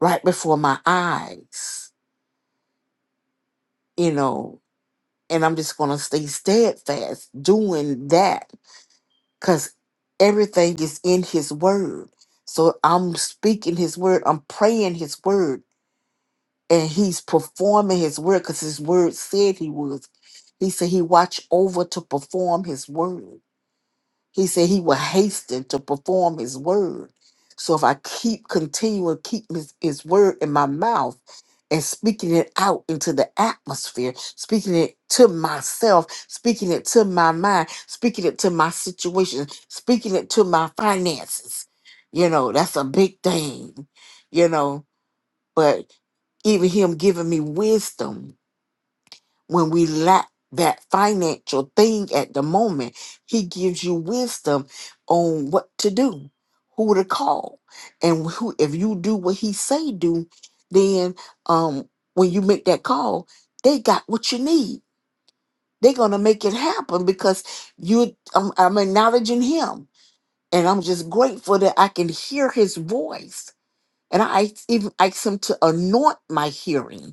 C: right before my eyes you know and i'm just going to stay steadfast doing that because everything is in his word. So I'm speaking his word, I'm praying his word, and he's performing his word because his word said he was. He said he watched over to perform his word. He said he will hasten to perform his word. So if I keep continuing keep his, his word in my mouth and speaking it out into the atmosphere, speaking it to myself, speaking it to my mind, speaking it to my situation, speaking it to my finances, you know, that's a big thing, you know. But even him giving me wisdom when we lack that financial thing at the moment, he gives you wisdom on what to do, who to call, and who if you do what he say do, then um when you make that call, they got what you need. They're gonna make it happen because you I'm, I'm acknowledging him, and I'm just grateful that I can hear his voice. And I asked- even asked him to anoint my hearing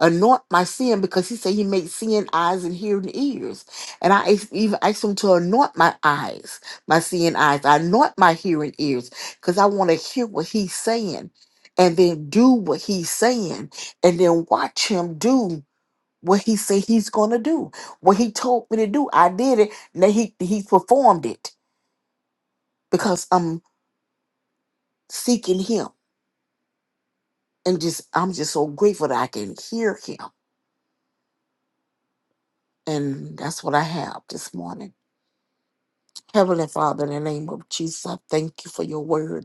C: anoint my sin because he said he made seeing eyes and hearing ears. And I asked, even asked him to anoint my eyes, my seeing eyes. I anoint my hearing ears because I want to hear what he's saying and then do what he's saying and then watch him do what he said he's going to do. What he told me to do, I did it. Now he, he performed it because I'm seeking him. And just I'm just so grateful that I can hear him. And that's what I have this morning. Heavenly Father, in the name of Jesus, I thank you for your word.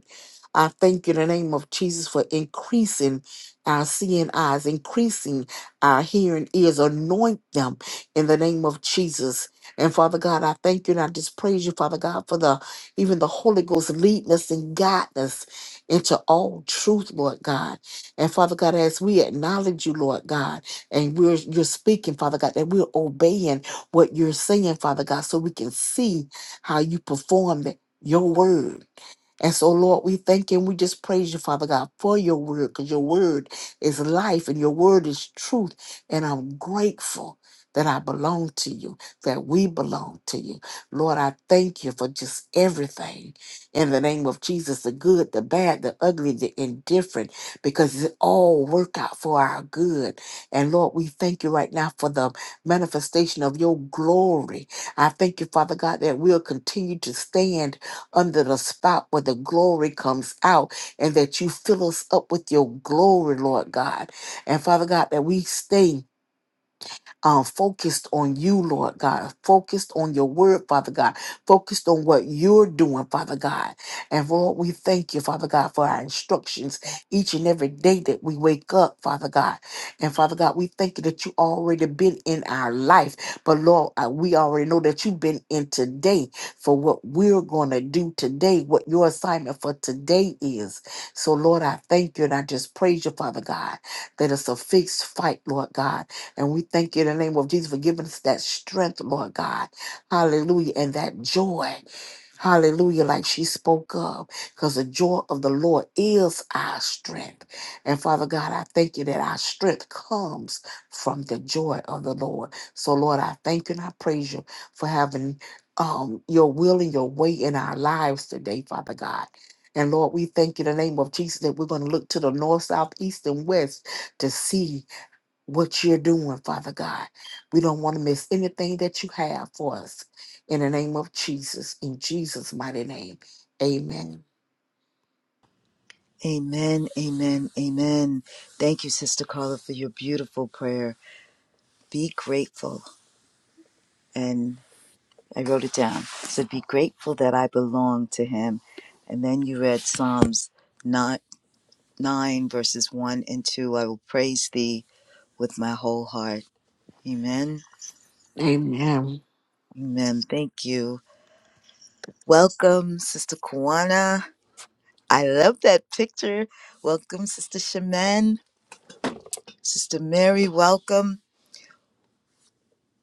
C: I thank you in the name of Jesus for increasing our seeing eyes, increasing our hearing ears. Anoint them in the name of Jesus. And Father God, I thank you and I just praise you, Father God, for the even the Holy Ghost leading us and guiding us into all truth, Lord God. And Father God, as we acknowledge you, Lord God, and we're you're speaking, Father God, that we're obeying what you're saying, Father God, so we can see how you perform the, your word. And so, Lord, we thank you and we just praise you, Father God, for your word, because your word is life and your word is truth. And I'm grateful that I belong to you, that we belong to you. Lord, I thank you for just everything in the name of Jesus the good, the bad, the ugly, the indifferent, because it all work out for our good. And Lord, we thank you right now for the manifestation of your glory. I thank you, Father God, that we'll continue to stand under the spot where the glory comes out and that you fill us up with your glory, Lord God. And Father God, that we stay uh, focused on you, Lord God, focused on your word, Father God, focused on what you're doing, Father God. And Lord, we thank you, Father God, for our instructions each and every day that we wake up, Father God. And Father God, we thank you that you already been in our life. But Lord, I- we already know that you've been in today for what we're going to do today, what your assignment for today is. So, Lord, I thank you and I just praise you, Father God, that it's a fixed fight, Lord God and we thank you in the name of Jesus for giving us that strength, Lord God. Hallelujah. And that joy. Hallelujah, like she spoke of, because the joy of the Lord is our strength. And Father God, I thank you that our strength comes from the joy of the Lord. So, Lord, I thank you and I praise you for having um, your will and your way in our lives today, Father God. And Lord, we thank you in the name of Jesus that we're going to look to the north, south, east, and west to see what you're doing, Father God. We don't want to miss anything that you have for us. In the name of Jesus, in Jesus' mighty name, amen.
A: Amen, amen, amen. Thank you, Sister Carla, for your beautiful prayer. Be grateful. And I wrote it down. It said, Be grateful that I belong to Him. And then you read Psalms 9, 9, verses 1 and 2. I will praise Thee with my whole heart. Amen,
C: Amen.
A: amen. Thank you. Welcome, Sister Kwana. I love that picture. Welcome, Sister Shaman. Sister Mary, welcome.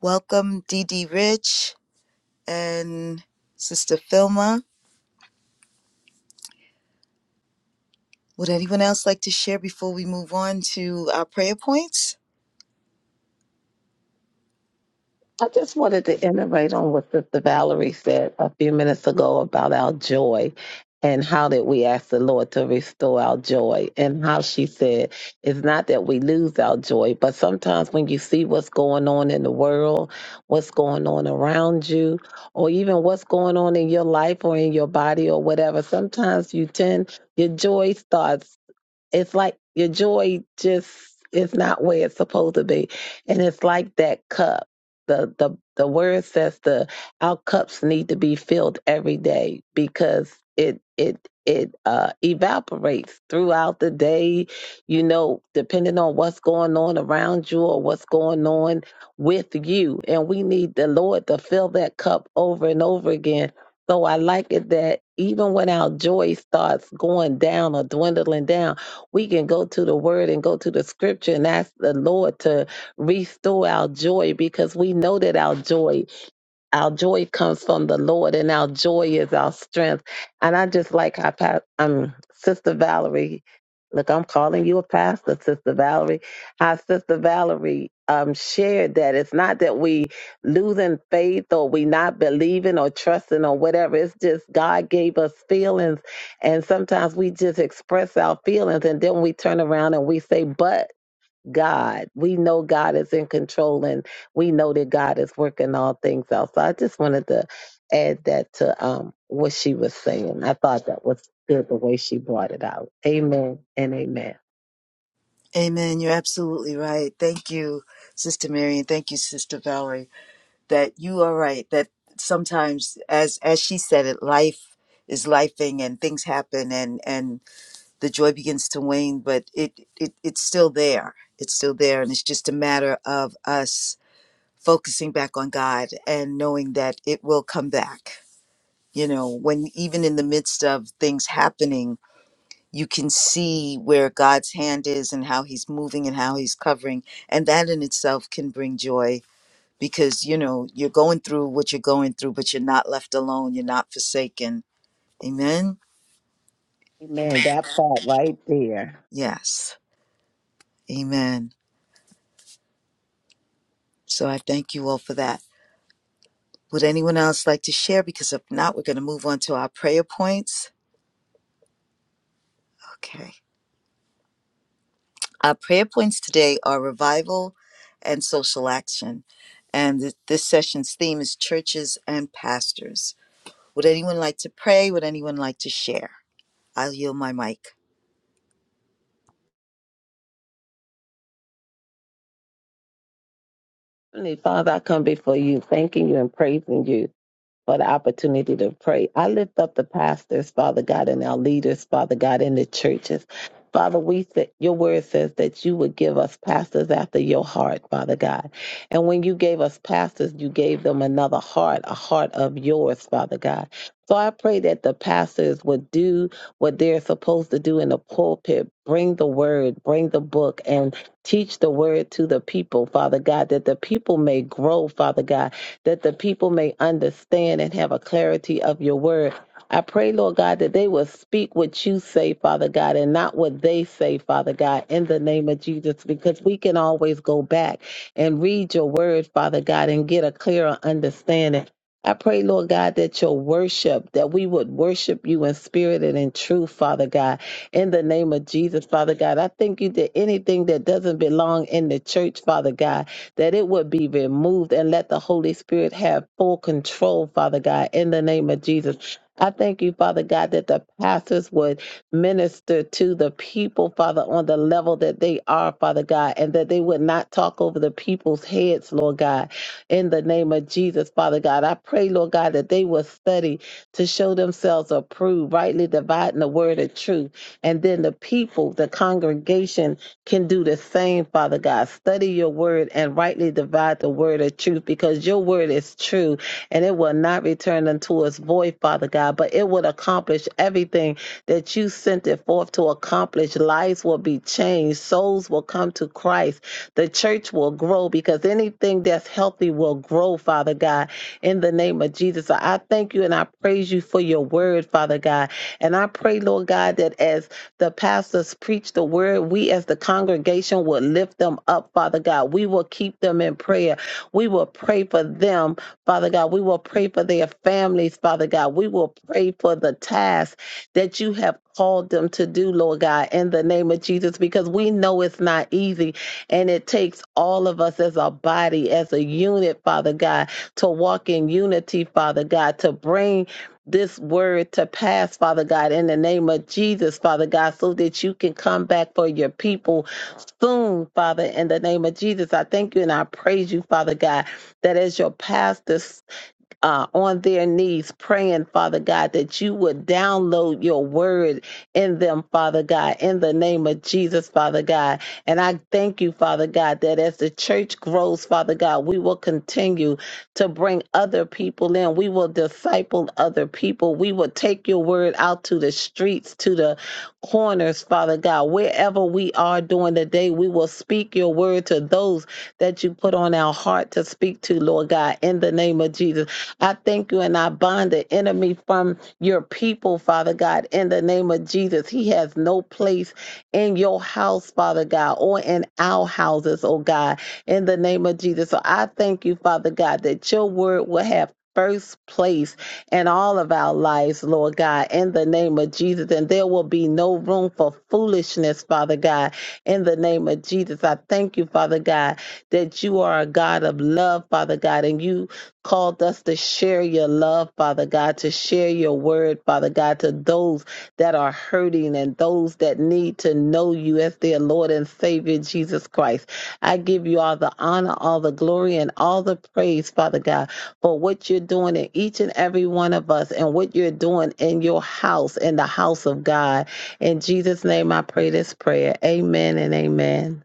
A: Welcome, DD Rich and Sister Filma. Would anyone else like to share before we move on to our prayer points?
D: I just wanted to iterate on what Sister Valerie said a few minutes ago about our joy and how that we ask the Lord to restore our joy and how she said it's not that we lose our joy, but sometimes when you see what's going on in the world, what's going on around you, or even what's going on in your life or in your body or whatever, sometimes you tend your joy starts it's like your joy just is not where it's supposed to be and it's like that cup the the the word says the our cups need to be filled every day because it it it uh evaporates throughout the day you know depending on what's going on around you or what's going on with you and we need the lord to fill that cup over and over again so I like it that even when our joy starts going down or dwindling down we can go to the word and go to the scripture and ask the Lord to restore our joy because we know that our joy our joy comes from the Lord, and our joy is our strength. And I just like how pa- um, Sister Valerie, look, I'm calling you a pastor, Sister Valerie. How Sister Valerie um, shared that it's not that we losing faith or we not believing or trusting or whatever. It's just God gave us feelings, and sometimes we just express our feelings, and then we turn around and we say, "But." God. We know God is in control and we know that God is working all things out. So I just wanted to add that to um, what she was saying. I thought that was good the way she brought it out. Amen and amen.
A: Amen. You're absolutely right. Thank you, Sister Mary, and thank you, Sister Valerie, that you are right. That sometimes, as as she said it, life is lifing and things happen and and the joy begins to wane, but it, it it's still there. It's still there, and it's just a matter of us focusing back on God and knowing that it will come back. You know, when even in the midst of things happening, you can see where God's hand is and how he's moving and how he's covering. And that in itself can bring joy because, you know, you're going through what you're going through, but you're not left alone. You're not forsaken. Amen.
D: Amen. That part right there.
A: Yes. Amen. So I thank you all for that. Would anyone else like to share? Because if not, we're going to move on to our prayer points. Okay. Our prayer points today are revival and social action. And th- this session's theme is churches and pastors. Would anyone like to pray? Would anyone like to share? I'll yield my mic.
D: Heavenly Father, I come before you, thanking you and praising you. for the opportunity to pray. I lift up the pastors, Father God, and our leaders, Father God, in the churches. Father, we said your word says that you would give us pastors after your heart, Father God. And when you gave us pastors, you gave them another heart, a heart of yours, Father God. So I pray that the pastors would do what they're supposed to do in the pulpit, bring the word, bring the book, and teach the word to the people, Father God, that the people may grow, Father God, that the people may understand and have a clarity of your word. I pray, Lord God, that they will speak what you say, Father God, and not what they say, Father God, in the name of Jesus, because we can always go back and read your word, Father God, and get a clearer understanding. I pray, Lord God, that your worship, that we would worship you in spirit and in truth, Father God, in the name of Jesus, Father God. I thank you that anything that doesn't belong in the church, Father God, that it would be removed and let the Holy Spirit have full control, Father God, in the name of Jesus. I thank you, Father God, that the pastors would minister to the people, Father, on the level that they are, Father God, and that they would not talk over the people's heads, Lord God, in the name of Jesus, Father God. I pray, Lord God, that they will study to show themselves approved, rightly dividing the word of truth. And then the people, the congregation, can do the same, Father God. Study your word and rightly divide the word of truth because your word is true and it will not return unto us void, Father God, but it will accomplish everything that you sent it forth to accomplish. Lives will be changed, souls will come to Christ, the church will grow because anything that's healthy will grow, Father God, in the name of Jesus. So I thank you and I praise you for your word, Father God. And I pray, Lord God, that as the pastors preach the word, we as the congregation will lift them up, Father God. We will keep them in prayer. We will pray for them, Father God. We will pray for their families, Father God. We will pray for the task that you have called them to do, Lord God, in the name of Jesus, because we know it's not easy and it takes all of us as a body, as a unit, Father God, to walk in unity, Father God, to bring this word to pass, Father God, in the name of Jesus, Father God, so that you can come back for your people soon, Father, in the name of Jesus. I thank you and I praise you, Father God, that as your pastor uh, on their knees praying, Father God, that you would download your word in them, Father God, in the name of Jesus, Father God. And I thank you, Father God, that as the church grows, Father God, we will continue to bring other people in. We will disciple other people. We will take your word out to the streets, to the corners, Father God. Wherever we are during the day, we will speak your word to those that you put on our heart to speak to, Lord God, in the name of Jesus. I thank you and I bind the enemy from your people, Father God, in the name of Jesus. He has no place in your house, Father God, or in our houses, oh God, in the name of Jesus. So I thank you, Father God, that your word will have first place in all of our lives, Lord God, in the name of Jesus. And there will be no room for foolishness, Father God, in the name of Jesus. I thank you, Father God, that you are a God of love, Father God, and you called us to share your love, Father God, to share your word, Father God, to those that are hurting and those that need to know you as their Lord and Savior, Jesus Christ. I give you all the honor, all the glory, and all the praise, Father God, for what you're doing in each and every one of us and what you're doing in your house, in the house of God. In Jesus' name, I pray this prayer. Amen and amen.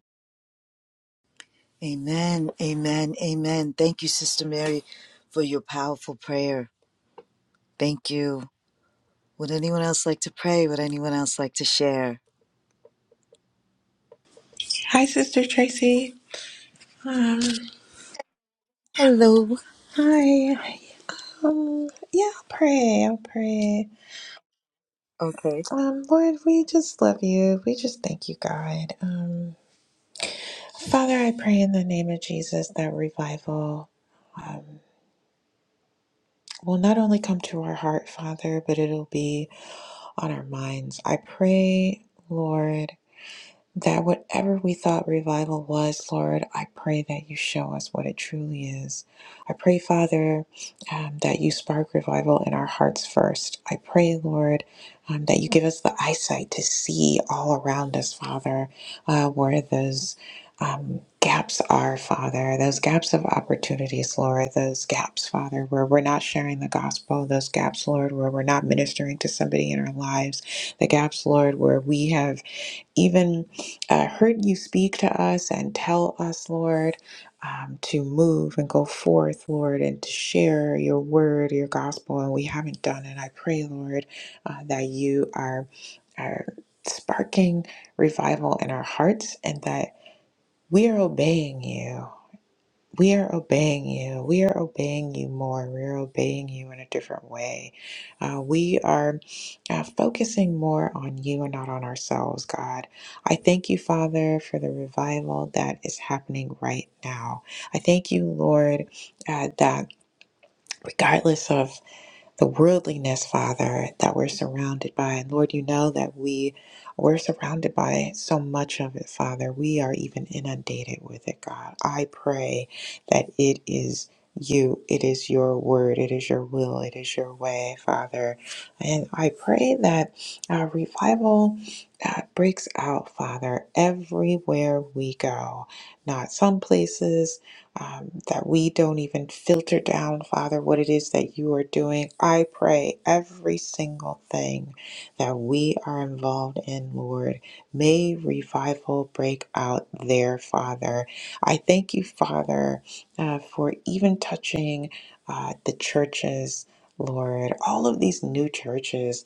A: Amen. Amen. Amen. Thank you, Sister Mary, for your powerful prayer. Thank you. Would anyone else like to pray? Would anyone else like to share?
E: Hi, Sister Tracy. Um,
A: Hello.
E: hi. Um, yeah, I'll pray. I'll pray.
A: Okay.
E: Um, Lord, we just love you. We just thank you, God. Um, Father, I pray in the name of Jesus that revival um, will not only come to our heart, Father, but it'll be on our minds. I pray, Lord. That whatever we thought revival was, Lord, I pray that you show us what it truly is. I pray, Father, um, that you spark revival in our hearts first. I pray, Lord, um, that you give us the eyesight to see all around us, Father, uh, where those um, gaps are, Father, those gaps of opportunities, Lord, those gaps, Father, where we're not sharing the gospel, those gaps, Lord, where we're not ministering to somebody in our lives, the gaps, Lord, where we have even uh, heard you speak to us and tell us, Lord, um, to move and go forth, Lord, and to share your word, your gospel, and we haven't done it. I pray, Lord, uh, that you are, are sparking revival in our hearts and that we are obeying you. We are obeying you. We are obeying you more. We are obeying you in a different way. Uh, we are uh, focusing more on you and not on ourselves, God. I thank you, Father, for the revival that is happening right now. I thank you, Lord, uh, that regardless of the worldliness, Father, that we're surrounded by. And Lord, you know that we we're surrounded by so much of it, Father. We are even inundated with it, God. I pray that it is you, it is your word, it is your will, it is your way, Father. And I pray that uh, revival uh, breaks out, Father, everywhere we go. Not some places, um, that we don't even filter down, Father, what it is that you are doing. I pray every single thing that we are involved in, Lord, may revival break out there, Father. I thank you, Father, uh, for even touching uh, the churches. Lord, all of these new churches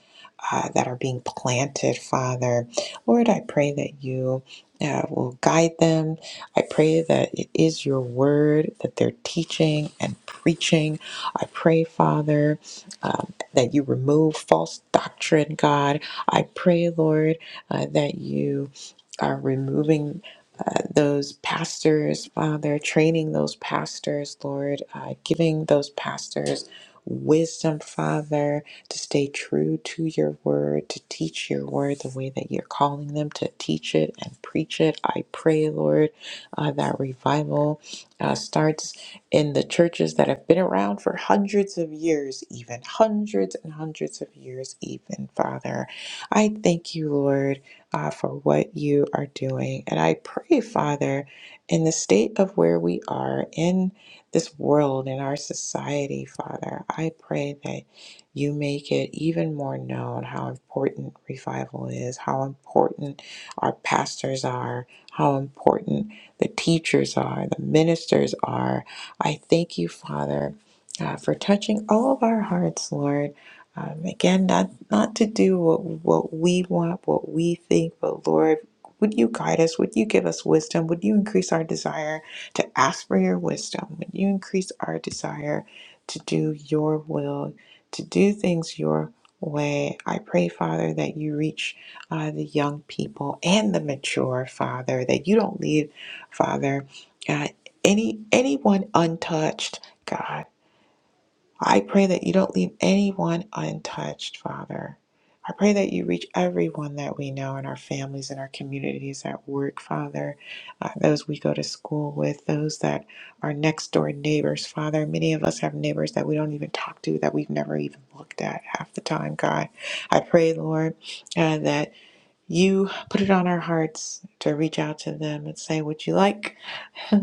E: uh, that are being planted, Father. Lord, I pray that you uh, will guide them. I pray that it is your word that they're teaching and preaching. I pray, Father, um, that you remove false doctrine, God. I pray, Lord, uh, that you are removing. Uh, those pastors, Father, training those pastors, Lord, uh, giving those pastors wisdom, Father, to stay true to your word, to teach your word the way that you're calling them to teach it and preach it. I pray, Lord, uh, that revival uh, starts in the churches that have been around for hundreds of years, even hundreds and hundreds of years, even, Father. I thank you, Lord, uh, for what you are doing. And I pray, Father, in the state of where we are in this world and our society, Father. I pray that you make it even more known how important revival is, how important our pastors are, how important the teachers are, the ministers are. I thank you, Father, uh, for touching all of our hearts, Lord. Um, again, not not to do what what we want, what we think, but Lord, would you guide us? Would you give us wisdom? Would you increase our desire? to ask for your wisdom, would you increase our desire to do your will, to do things your way? I pray, Father, that you reach uh, the young people and the mature, Father, that you don't leave, Father, uh, any anyone untouched, God. I pray that you don't leave anyone untouched, Father. I pray that you reach everyone that we know in our families, in our communities, at work, Father, uh, those we go to school with, those that are next door neighbors, Father. Many of us have neighbors that we don't even talk to, that we've never even looked at half the time, God. I pray, Lord, uh, that you put it on our hearts to reach out to them and say, Would you like?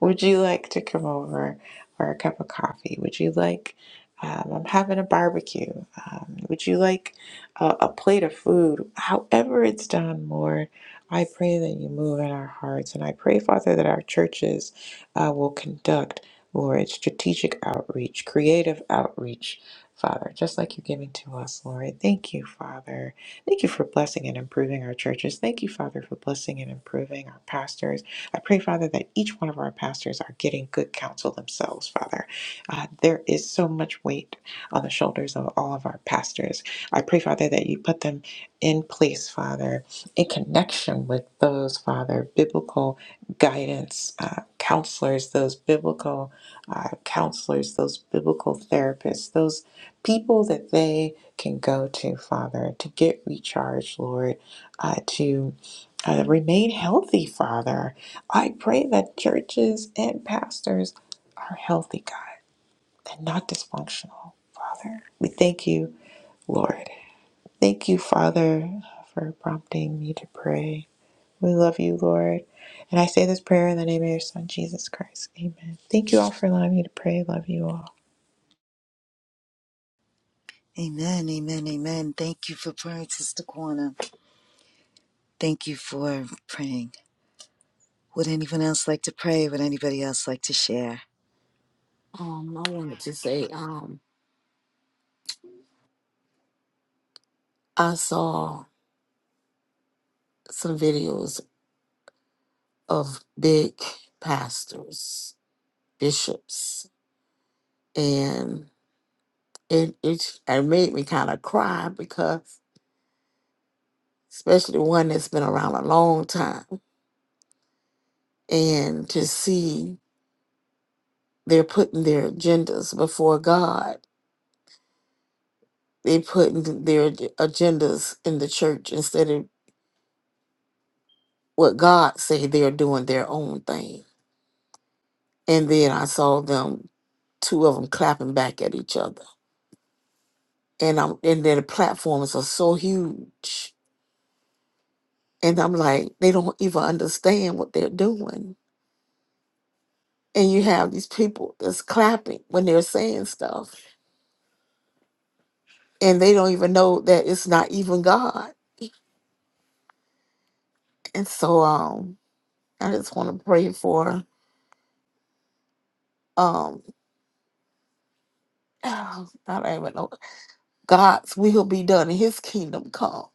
E: Would you like to come over for a cup of coffee? Would you like, um, I'm having a barbecue. Um, would you like a, a plate of food? However, it's done, Lord, I pray that you move in our hearts. And I pray, Father, that our churches uh, will conduct, Lord, strategic outreach, creative outreach. Father, just like you're giving to us, Lord. Thank you, Father. Thank you for blessing and improving our churches. Thank you, Father, for blessing and improving our pastors. I pray, Father, that each one of our pastors are getting good counsel themselves, Father. Uh, there is so much weight on the shoulders of all of our pastors. I pray, Father, that you put them in place, Father, in connection with those, Father, biblical guidance uh, counselors, those biblical uh, counselors, those biblical therapists, those people that they can go to, Father, to get recharged, Lord, uh, to uh, remain healthy, Father I pray that churches and pastors are healthy, God, and not dysfunctional, Father. We thank you, Lord. Thank you, Father, for prompting me to pray. We love you, Lord. And I say this prayer in the name of your Son, Jesus Christ. Amen. Thank you all for allowing me to pray. Love you all.
A: Amen. Amen. Amen. Thank you for praying, Sister Kwana. Thank you for praying. Would anyone else like to pray? Would anybody else like to share?
C: Um, I wanted to say, um, I saw some videos of big pastors, bishops, and it it, it made me kind of cry because, especially one that's been around a long time, and to see they're putting their agendas before God They put their ag- agendas in the church instead of what God say they're doing their own thing. And then I saw them, two of them clapping back at each other. And I'm and their platforms are so huge. And I'm like, they don't even understand what they're doing. And you have these people that's clapping when they're saying stuff and they don't even know that it's not even God. And so um I just want to pray for um I don't even know God's will be done and his kingdom come.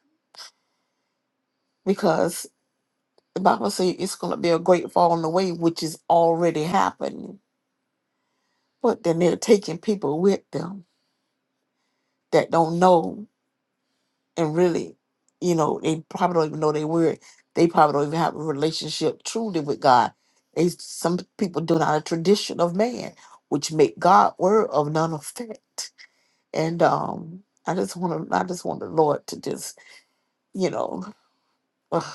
C: Because the Bible says it's going to be a great falling away, which is already happening. But then they're taking people with them that don't know and really, you know, they probably don't even know they were. They probably don't even have a relationship truly with God. They, some people do not a tradition of man, which make God word of none effect. And um, I just want to, I just want the Lord to just, you know,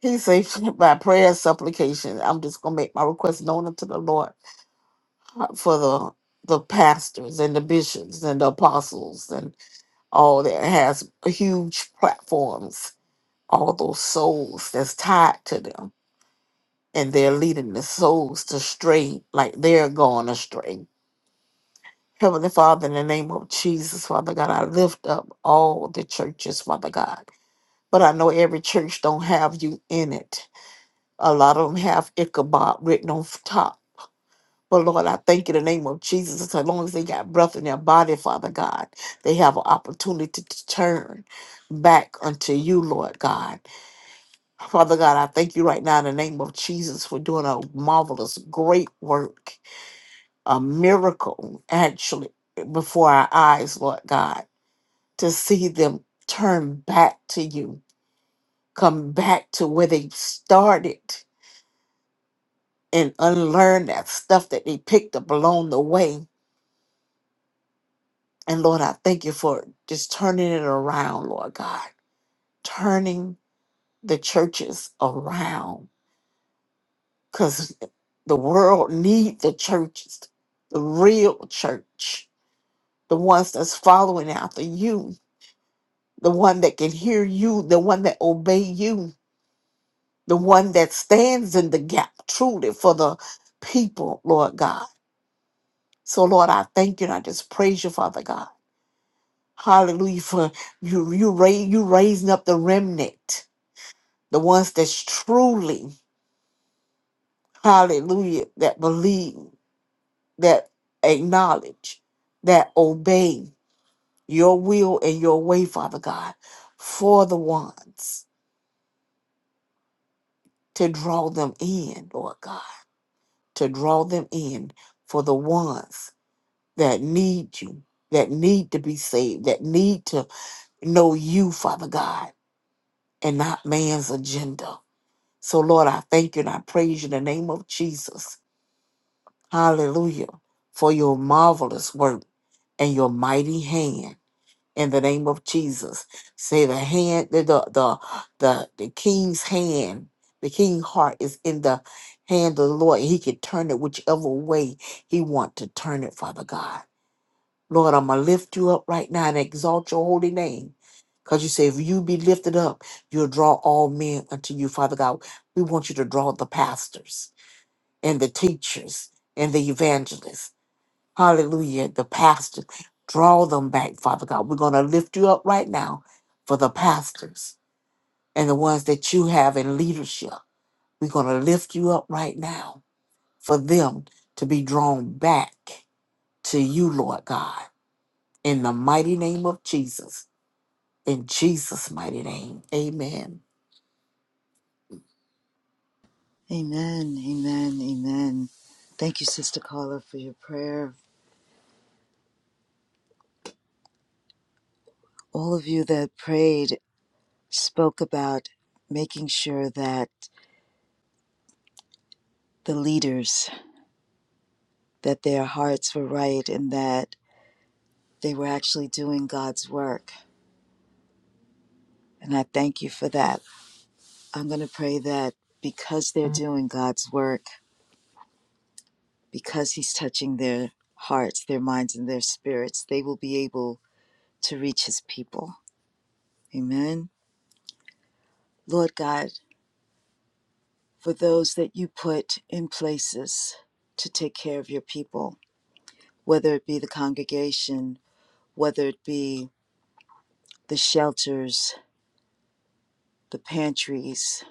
C: He said, by prayer and supplication, I'm just going to make my request known unto the Lord uh, for the the pastors and the bishops and the apostles and all that has huge platforms, all those souls that's tied to them. And they're leading the souls to stray like they're going astray. Heavenly Father, in the name of Jesus, Father God, I lift up all the churches, Father God. But I know every church don't have you in it. A lot of them have Ichabod written on f- top But Lord, I thank you in the name of Jesus. As long as they got breath in their body, Father God, they have an opportunity to turn back unto you, Lord God. Father God, I thank you right now in the name of Jesus for doing a marvelous, great work, a miracle, actually, before our eyes, Lord God, to see them turn back to you, come back to where they started and unlearn that stuff that they picked up along the way And Lord, I thank you for just turning it around, Lord God, turning the churches around because the world need the churches, the real church, the ones that's following after you, the one that can hear you, the one that obey you, the one that stands in the gap truly for the people, Lord God. So Lord, I thank you and I just praise you, Father God. Hallelujah for you you raise you raising up the remnant the ones that's truly, hallelujah, that believe, that acknowledge, that obey your will and your way, Father God, for the ones to draw them in, Lord God, to draw them in for the ones that need you, that need to be saved, that need to know you, Father God, and not man's agenda. So, Lord, I thank you and I praise you in the name of Jesus Hallelujah. For your marvelous work and your mighty hand in the name of Jesus. Say the hand, the the the, the, the king's hand, the king heart is in the hand of the Lord. He can turn it whichever way he want to turn it, Father God. Lord, I'm gonna lift you up right now and exalt your holy name. Because you say, if you be lifted up, you'll draw all men unto you, Father God. We want you to draw the pastors and the teachers and the evangelists Hallelujah. The pastors, draw them back, Father God. We're going to lift you up right now for the pastors and the ones that you have in leadership. We're going to lift you up right now for them to be drawn back to you, Lord God, in the mighty name of Jesus. In Jesus' mighty name, amen.
A: Amen, amen, amen. Thank you, Sister Carla, for your prayer. All of you that prayed spoke about making sure that the leaders, that their hearts were right and that they were actually doing God's work. And I thank you for that. I'm going to pray that because they're doing God's work, because He's touching their hearts, their minds, and their spirits, they will be able to reach His people Amen. Lord God, for those that you put in places to take care of your people, whether it be the congregation, whether it be the shelters, the pantries,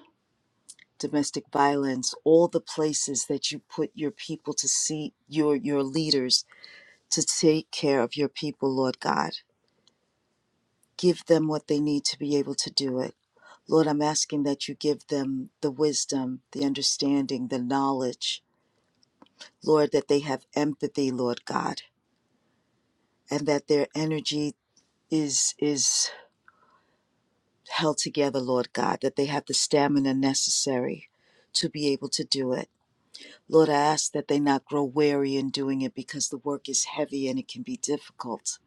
A: domestic violence, all the places that you put your people to see your your leaders to take care of your people, Lord God. Give them what they need to be able to do it. Lord, I'm asking that you give them the wisdom, the understanding, the knowledge Lord, that they have empathy, Lord God, and that their energy is is held together, Lord God, that they have the stamina necessary to be able to do it. Lord, I ask that they not grow weary in doing it because the work is heavy and it can be difficult.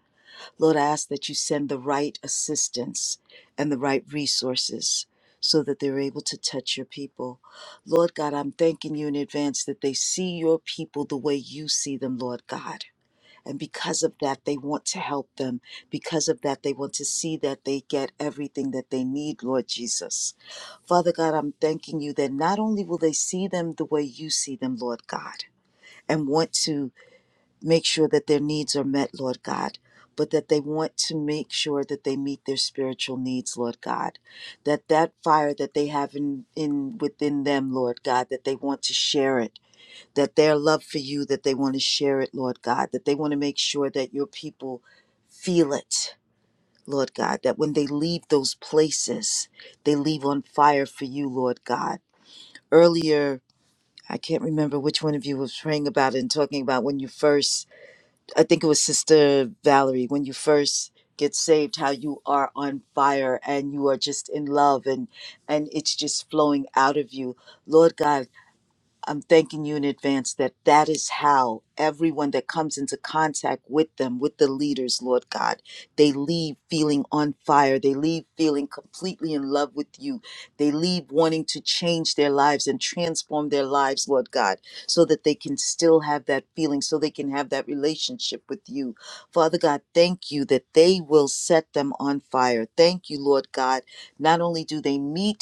A: Lord, I ask that you send the right assistance and the right resources so that they're able to touch your people. Lord God, I'm thanking you in advance that they see your people the way you see them, Lord God And because of that, they want to help them. Because of that, they want to see that they get everything that they need, Lord Jesus. Father God, I'm thanking you that not only will they see them the way you see them, Lord God, and want to make sure that their needs are met, Lord God, but that they want to make sure that they meet their spiritual needs, Lord God. That that fire that they have in, in within them, Lord God, that they want to share it that their love for you, that they want to share it, Lord God, that they want to make sure that your people feel it, Lord God, that when they leave those places, they leave on fire for you, Lord God. Earlier, I can't remember which one of you was praying about it and talking about when you first, I think it was Sister Valerie, when you first get saved how you are on fire and you are just in love and and it's just flowing out of you lord god I'm thanking you in advance that that is how everyone that comes into contact with them, with the leaders, Lord God, they leave feeling on fire. They leave feeling completely in love with you. They leave wanting to change their lives and transform their lives, Lord God, so that they can still have that feeling, so they can have that relationship with you. Father God, thank you that they will set them on fire. Thank you, Lord God. Not only do they meet,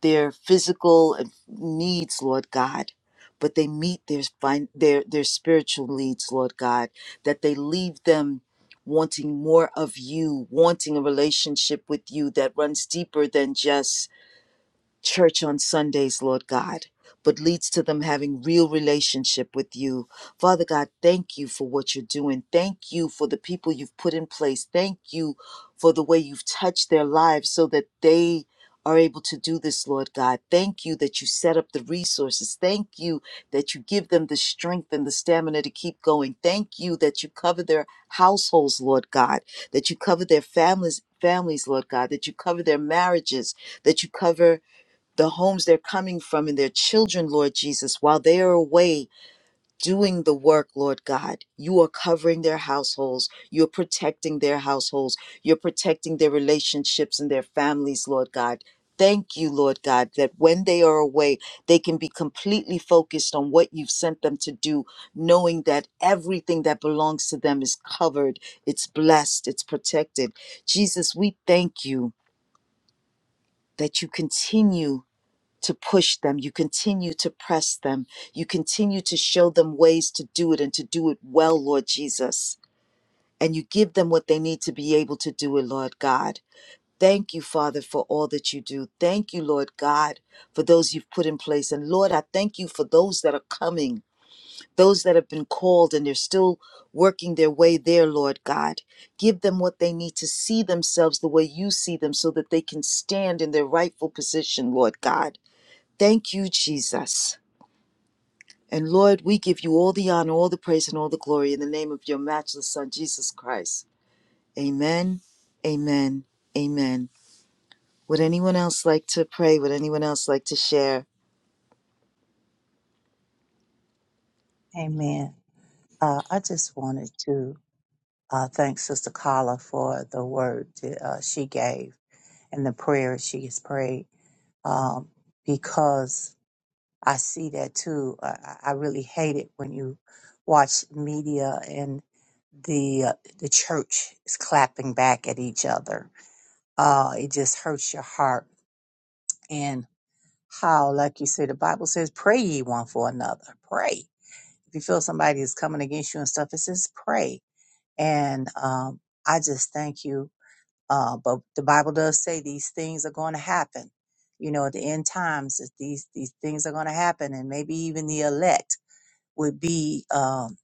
A: their physical needs, Lord God, but they meet their fin- their their spiritual needs, Lord God, that they leave them wanting more of you, wanting a relationship with you that runs deeper than just church on Sundays, Lord God, but leads to them having real relationship with you. Father God, thank you for what you're doing. Thank you for the people you've put in place. Thank you for the way you've touched their lives so that they are able to do this, Lord God. Thank you that you set up the resources. Thank you that you give them the strength and the stamina to keep going. Thank you that you cover their households, Lord God, that you cover their families, families, Lord God, that you cover their marriages, that you cover the homes they're coming from and their children, Lord Jesus, while they are away doing the work, Lord God. You are covering their households. You're protecting their households. You're protecting their relationships and their families, Lord God. Thank you, Lord God, that when they are away, they can be completely focused on what you've sent them to do, knowing that everything that belongs to them is covered, it's blessed, it's protected. Jesus, we thank you that you continue to push them. You continue to press them. You continue to show them ways to do it and to do it well, Lord Jesus. And you give them what they need to be able to do it, Lord God. Thank you, Father, for all that you do. Thank you, Lord God, for those you've put in place. And Lord, I thank you for those that are coming, those that have been called and they're still working their way there, Lord God. Give them what they need to see themselves the way you see them so that they can stand in their rightful position, Lord God. Thank you, Jesus. And Lord, we give you all the honor, all the praise, and all the glory in the name of your matchless Son, Jesus Christ. Amen, amen, amen. Would anyone else like to pray? Would anyone else like to share?
B: Amen. Uh, I just wanted to. Uh, thanks, Sister Carla, for the word that, uh, she gave and the prayer she has prayed. Um, because I see that too. I, I I really hate it when you watch media and the uh, the church is clapping back at each other. Uh, it just hurts your heart. And how, like you said, the Bible says, "Pray ye one for another." Pray. If you feel somebody is coming against you and stuff, it says, "Pray." And um, I just thank you Uh, but the Bible does say these things are going to happen. You know, at the end times, that these these things are going to happen, and maybe even the elect would be, um,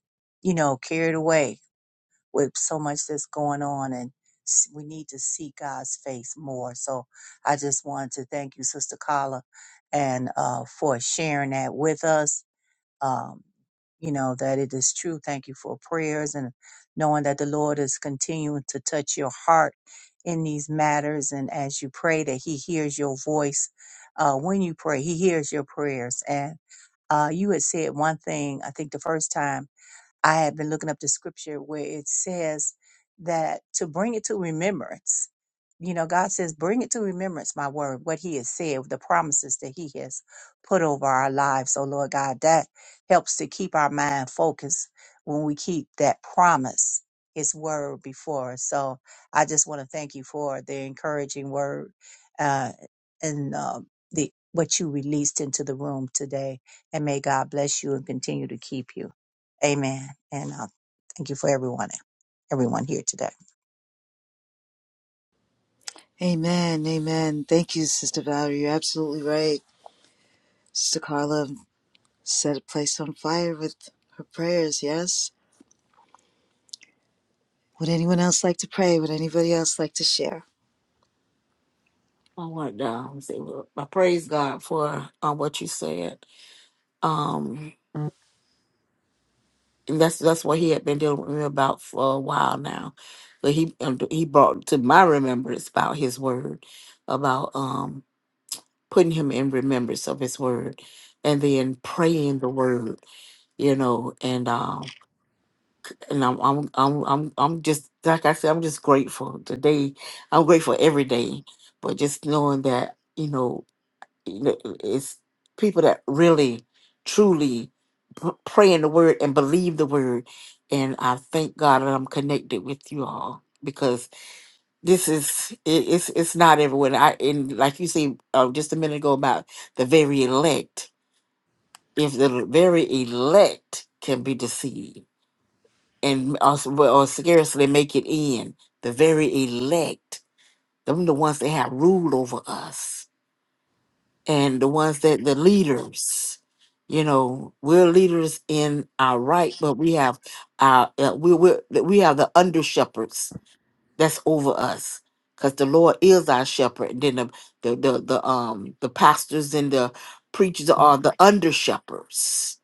B: you know, carried away with so much that's going on, and s- we need to see God's face more. So, I just wanted to thank you, Sister Carla, and uh, for sharing that with us um, you know, that it is true. Thank you for prayers and knowing that the Lord is continuing to touch your heart in these matters. And as you pray, that He hears your voice uh, when you pray, He hears your prayers. And uh, you had said one thing, I think the first time. I had been looking up the scripture where it says that to bring it to remembrance. You know, God says, bring it to remembrance, my word, what He has said, the promises that He has put over our lives. So, Lord God, that helps to keep our mind focused when we keep that promise, His word before us. So, I just want to thank you for the encouraging word uh, and um the what you released into the room today. And may God bless you and continue to keep you. Amen. And uh, thank you for everyone, everyone here today.
A: Amen, amen. Thank you, Sister Valerie. You're absolutely right. Sister Carla set a place on fire with her prayers, yes? Would anyone else like to pray? Would anybody else like to share?
C: I want to um, say, well, I praise God for uh, what you said. and that's that's what he had been dealing with me about for a while now. But he um, he brought to my remembrance about his word, about um putting him in remembrance of his word, and then praying the word, you know, and um and I'm I'm I'm I'm I'm just like I said, I'm just grateful today. I'm grateful every day, but just knowing that you know you know, it's people that really truly p- pray in the word and believe the word and i thank god that i'm connected with you all because this is it, it's it's not everywhere i and like you say uh, just a minute ago about the very elect if the very elect can be deceived and also well, or scarcely make it in the very elect them the ones that have rule over us and the ones that the leaders you know we're leaders in our right but we have our uh, we we we have the under shepherds that's over us because the lord is our shepherd and then the the the, the um the pastors and the preachers are the under shepherds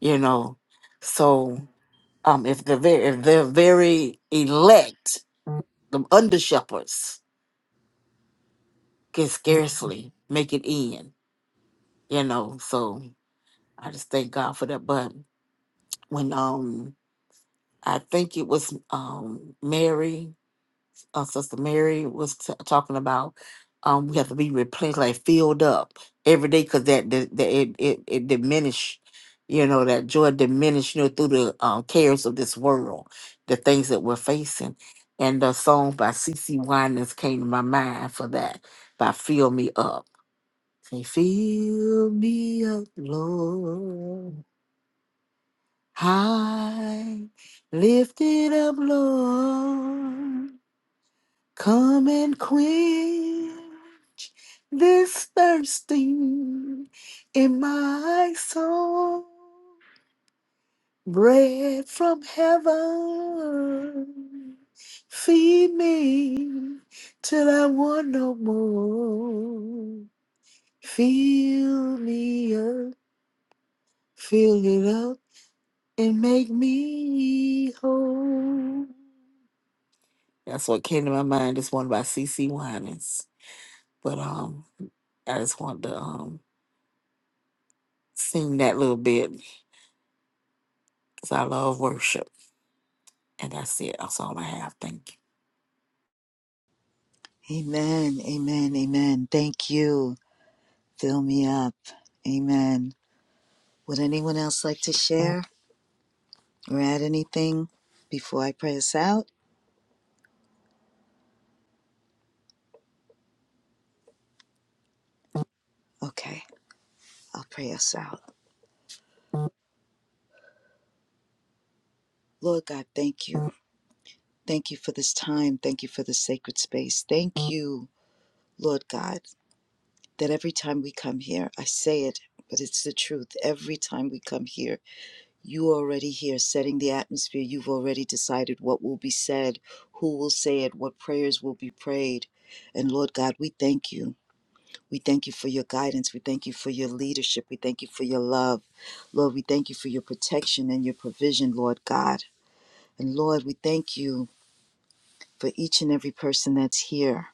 C: you know so um if the very if they're very elect the under shepherds can scarcely make it in you know so I just thank God for that. But when um I think it was um Mary, uh, Sister Mary was t- talking about um we have to be replenished, like filled up every day, because that, that, that it it it diminish, you know, that joy diminish, you know, through the um, cares of this world, the things that we're facing, and the song by C. C. Winans came to my mind for that by "Fill Me Up." Say, "Fill me up, Lord." High, lifted up, Lord, come and quench this thirsting in my soul. Bread from heaven, feed me till I want no more. Fill me up, fill it up, and make me whole. That's what came to my mind. This one by C. C. Winans. But um I just wanted to um sing that little bit because I love worship. And that's it. That's all I have. Thank you.
A: Amen, amen, amen. Thank you. Fill me up. Amen. Would anyone else like to share or add anything before I pray us out? Okay, I'll pray us out. Lord God, thank you. Thank you for this time. Thank you for this sacred space. Thank you, Lord God, that every time we come here, I say it, but it's the truth. Every time we come here, you are already here setting the atmosphere. You've already decided what will be said, who will say it, what prayers will be prayed. And Lord God, we thank you. We thank you for your guidance. We thank you for your leadership. We thank you for your love. Lord, we thank you for your protection and your provision, Lord God. And Lord, we thank you for each and every person that's here.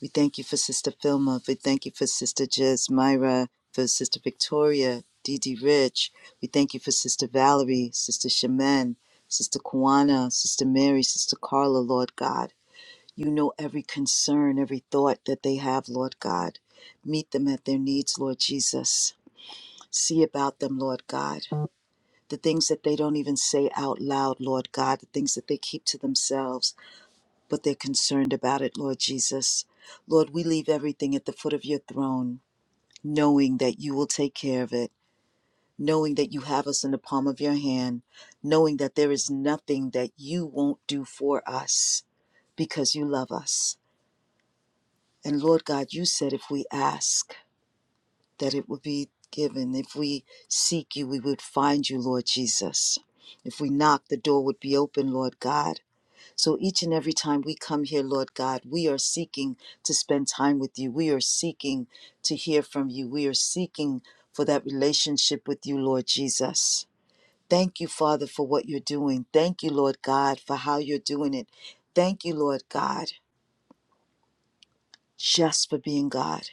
A: We thank you for Sister Filma. We thank you for Sister Jez Myra, for Sister Victoria, Dee Dee Rich. We thank you for Sister Valerie, Sister Shemin, Sister Kwana, Sister Mary, Sister Carla, Lord God. You know every concern, every thought that they have, Lord God. Meet them at their needs, Lord Jesus. See about them, Lord God. The things that they don't even say out loud, Lord God, the things that they keep to themselves, but they're concerned about it, Lord Jesus. Lord, we leave everything at the foot of your throne, knowing that you will take care of it, knowing that you have us in the palm of your hand, knowing that there is nothing that you won't do for us because you love us. And Lord God, you said if we ask, that it would be given. If we seek you, we would find you, Lord Jesus. If we knock, the door would be open, Lord God. So each and every time we come here, Lord God, we are seeking to spend time with you. We are seeking to hear from you. We are seeking for that relationship with you, Lord Jesus. Thank you, Father, for what you're doing. Thank you, Lord God, for how you're doing it. Thank you, Lord God, just for being God,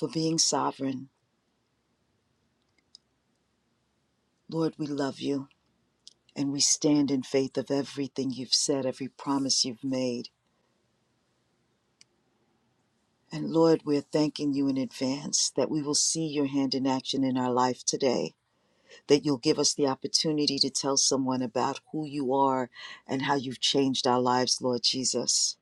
A: for being sovereign Lord, we love you and we stand in faith of everything you've said, every promise you've made. And Lord, we're thanking you in advance that we will see your hand in action in our life today, that you'll give us the opportunity to tell someone about who you are and how you've changed our lives, Lord Jesus.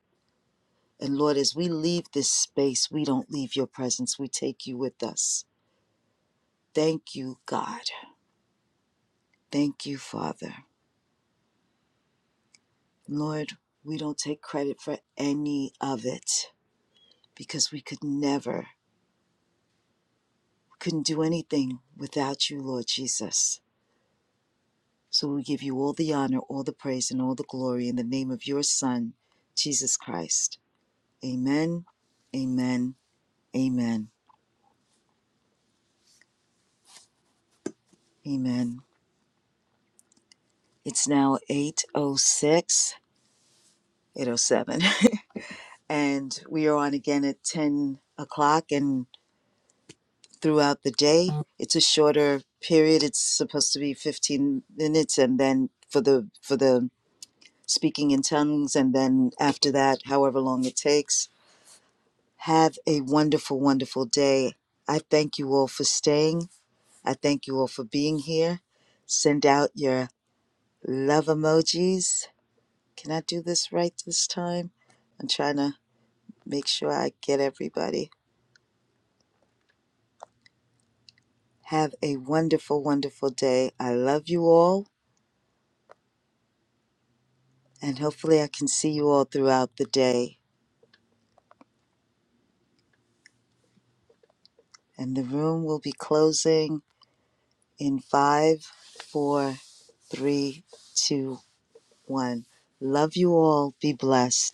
A: And Lord, as we leave this space, we don't leave your presence, we take you with us. Thank you, God. Thank you, Father. Lord, we don't take credit for any of it. because we could never, couldn't do anything without you, Lord Jesus. So we give you all the honor, all the praise, and all the glory in the name of your Son, Jesus Christ. Amen, amen, amen, amen. It's now eight oh six, eight oh seven, and we are on again at 10 o'clock and throughout the day. It's a shorter period. It's supposed to be 15 minutes, and then for the for the speaking in tongues, and then after that, however long it takes. Have a wonderful, wonderful day. I thank you all for staying. I thank you all for being here. Send out your love emojis. Can I do this right this time? I'm trying to make sure I get everybody. Have a wonderful, wonderful day. I love you all, and hopefully, I can see you all throughout the day. And the room will be closing in five, four, three, two, one. Love you all. Be blessed.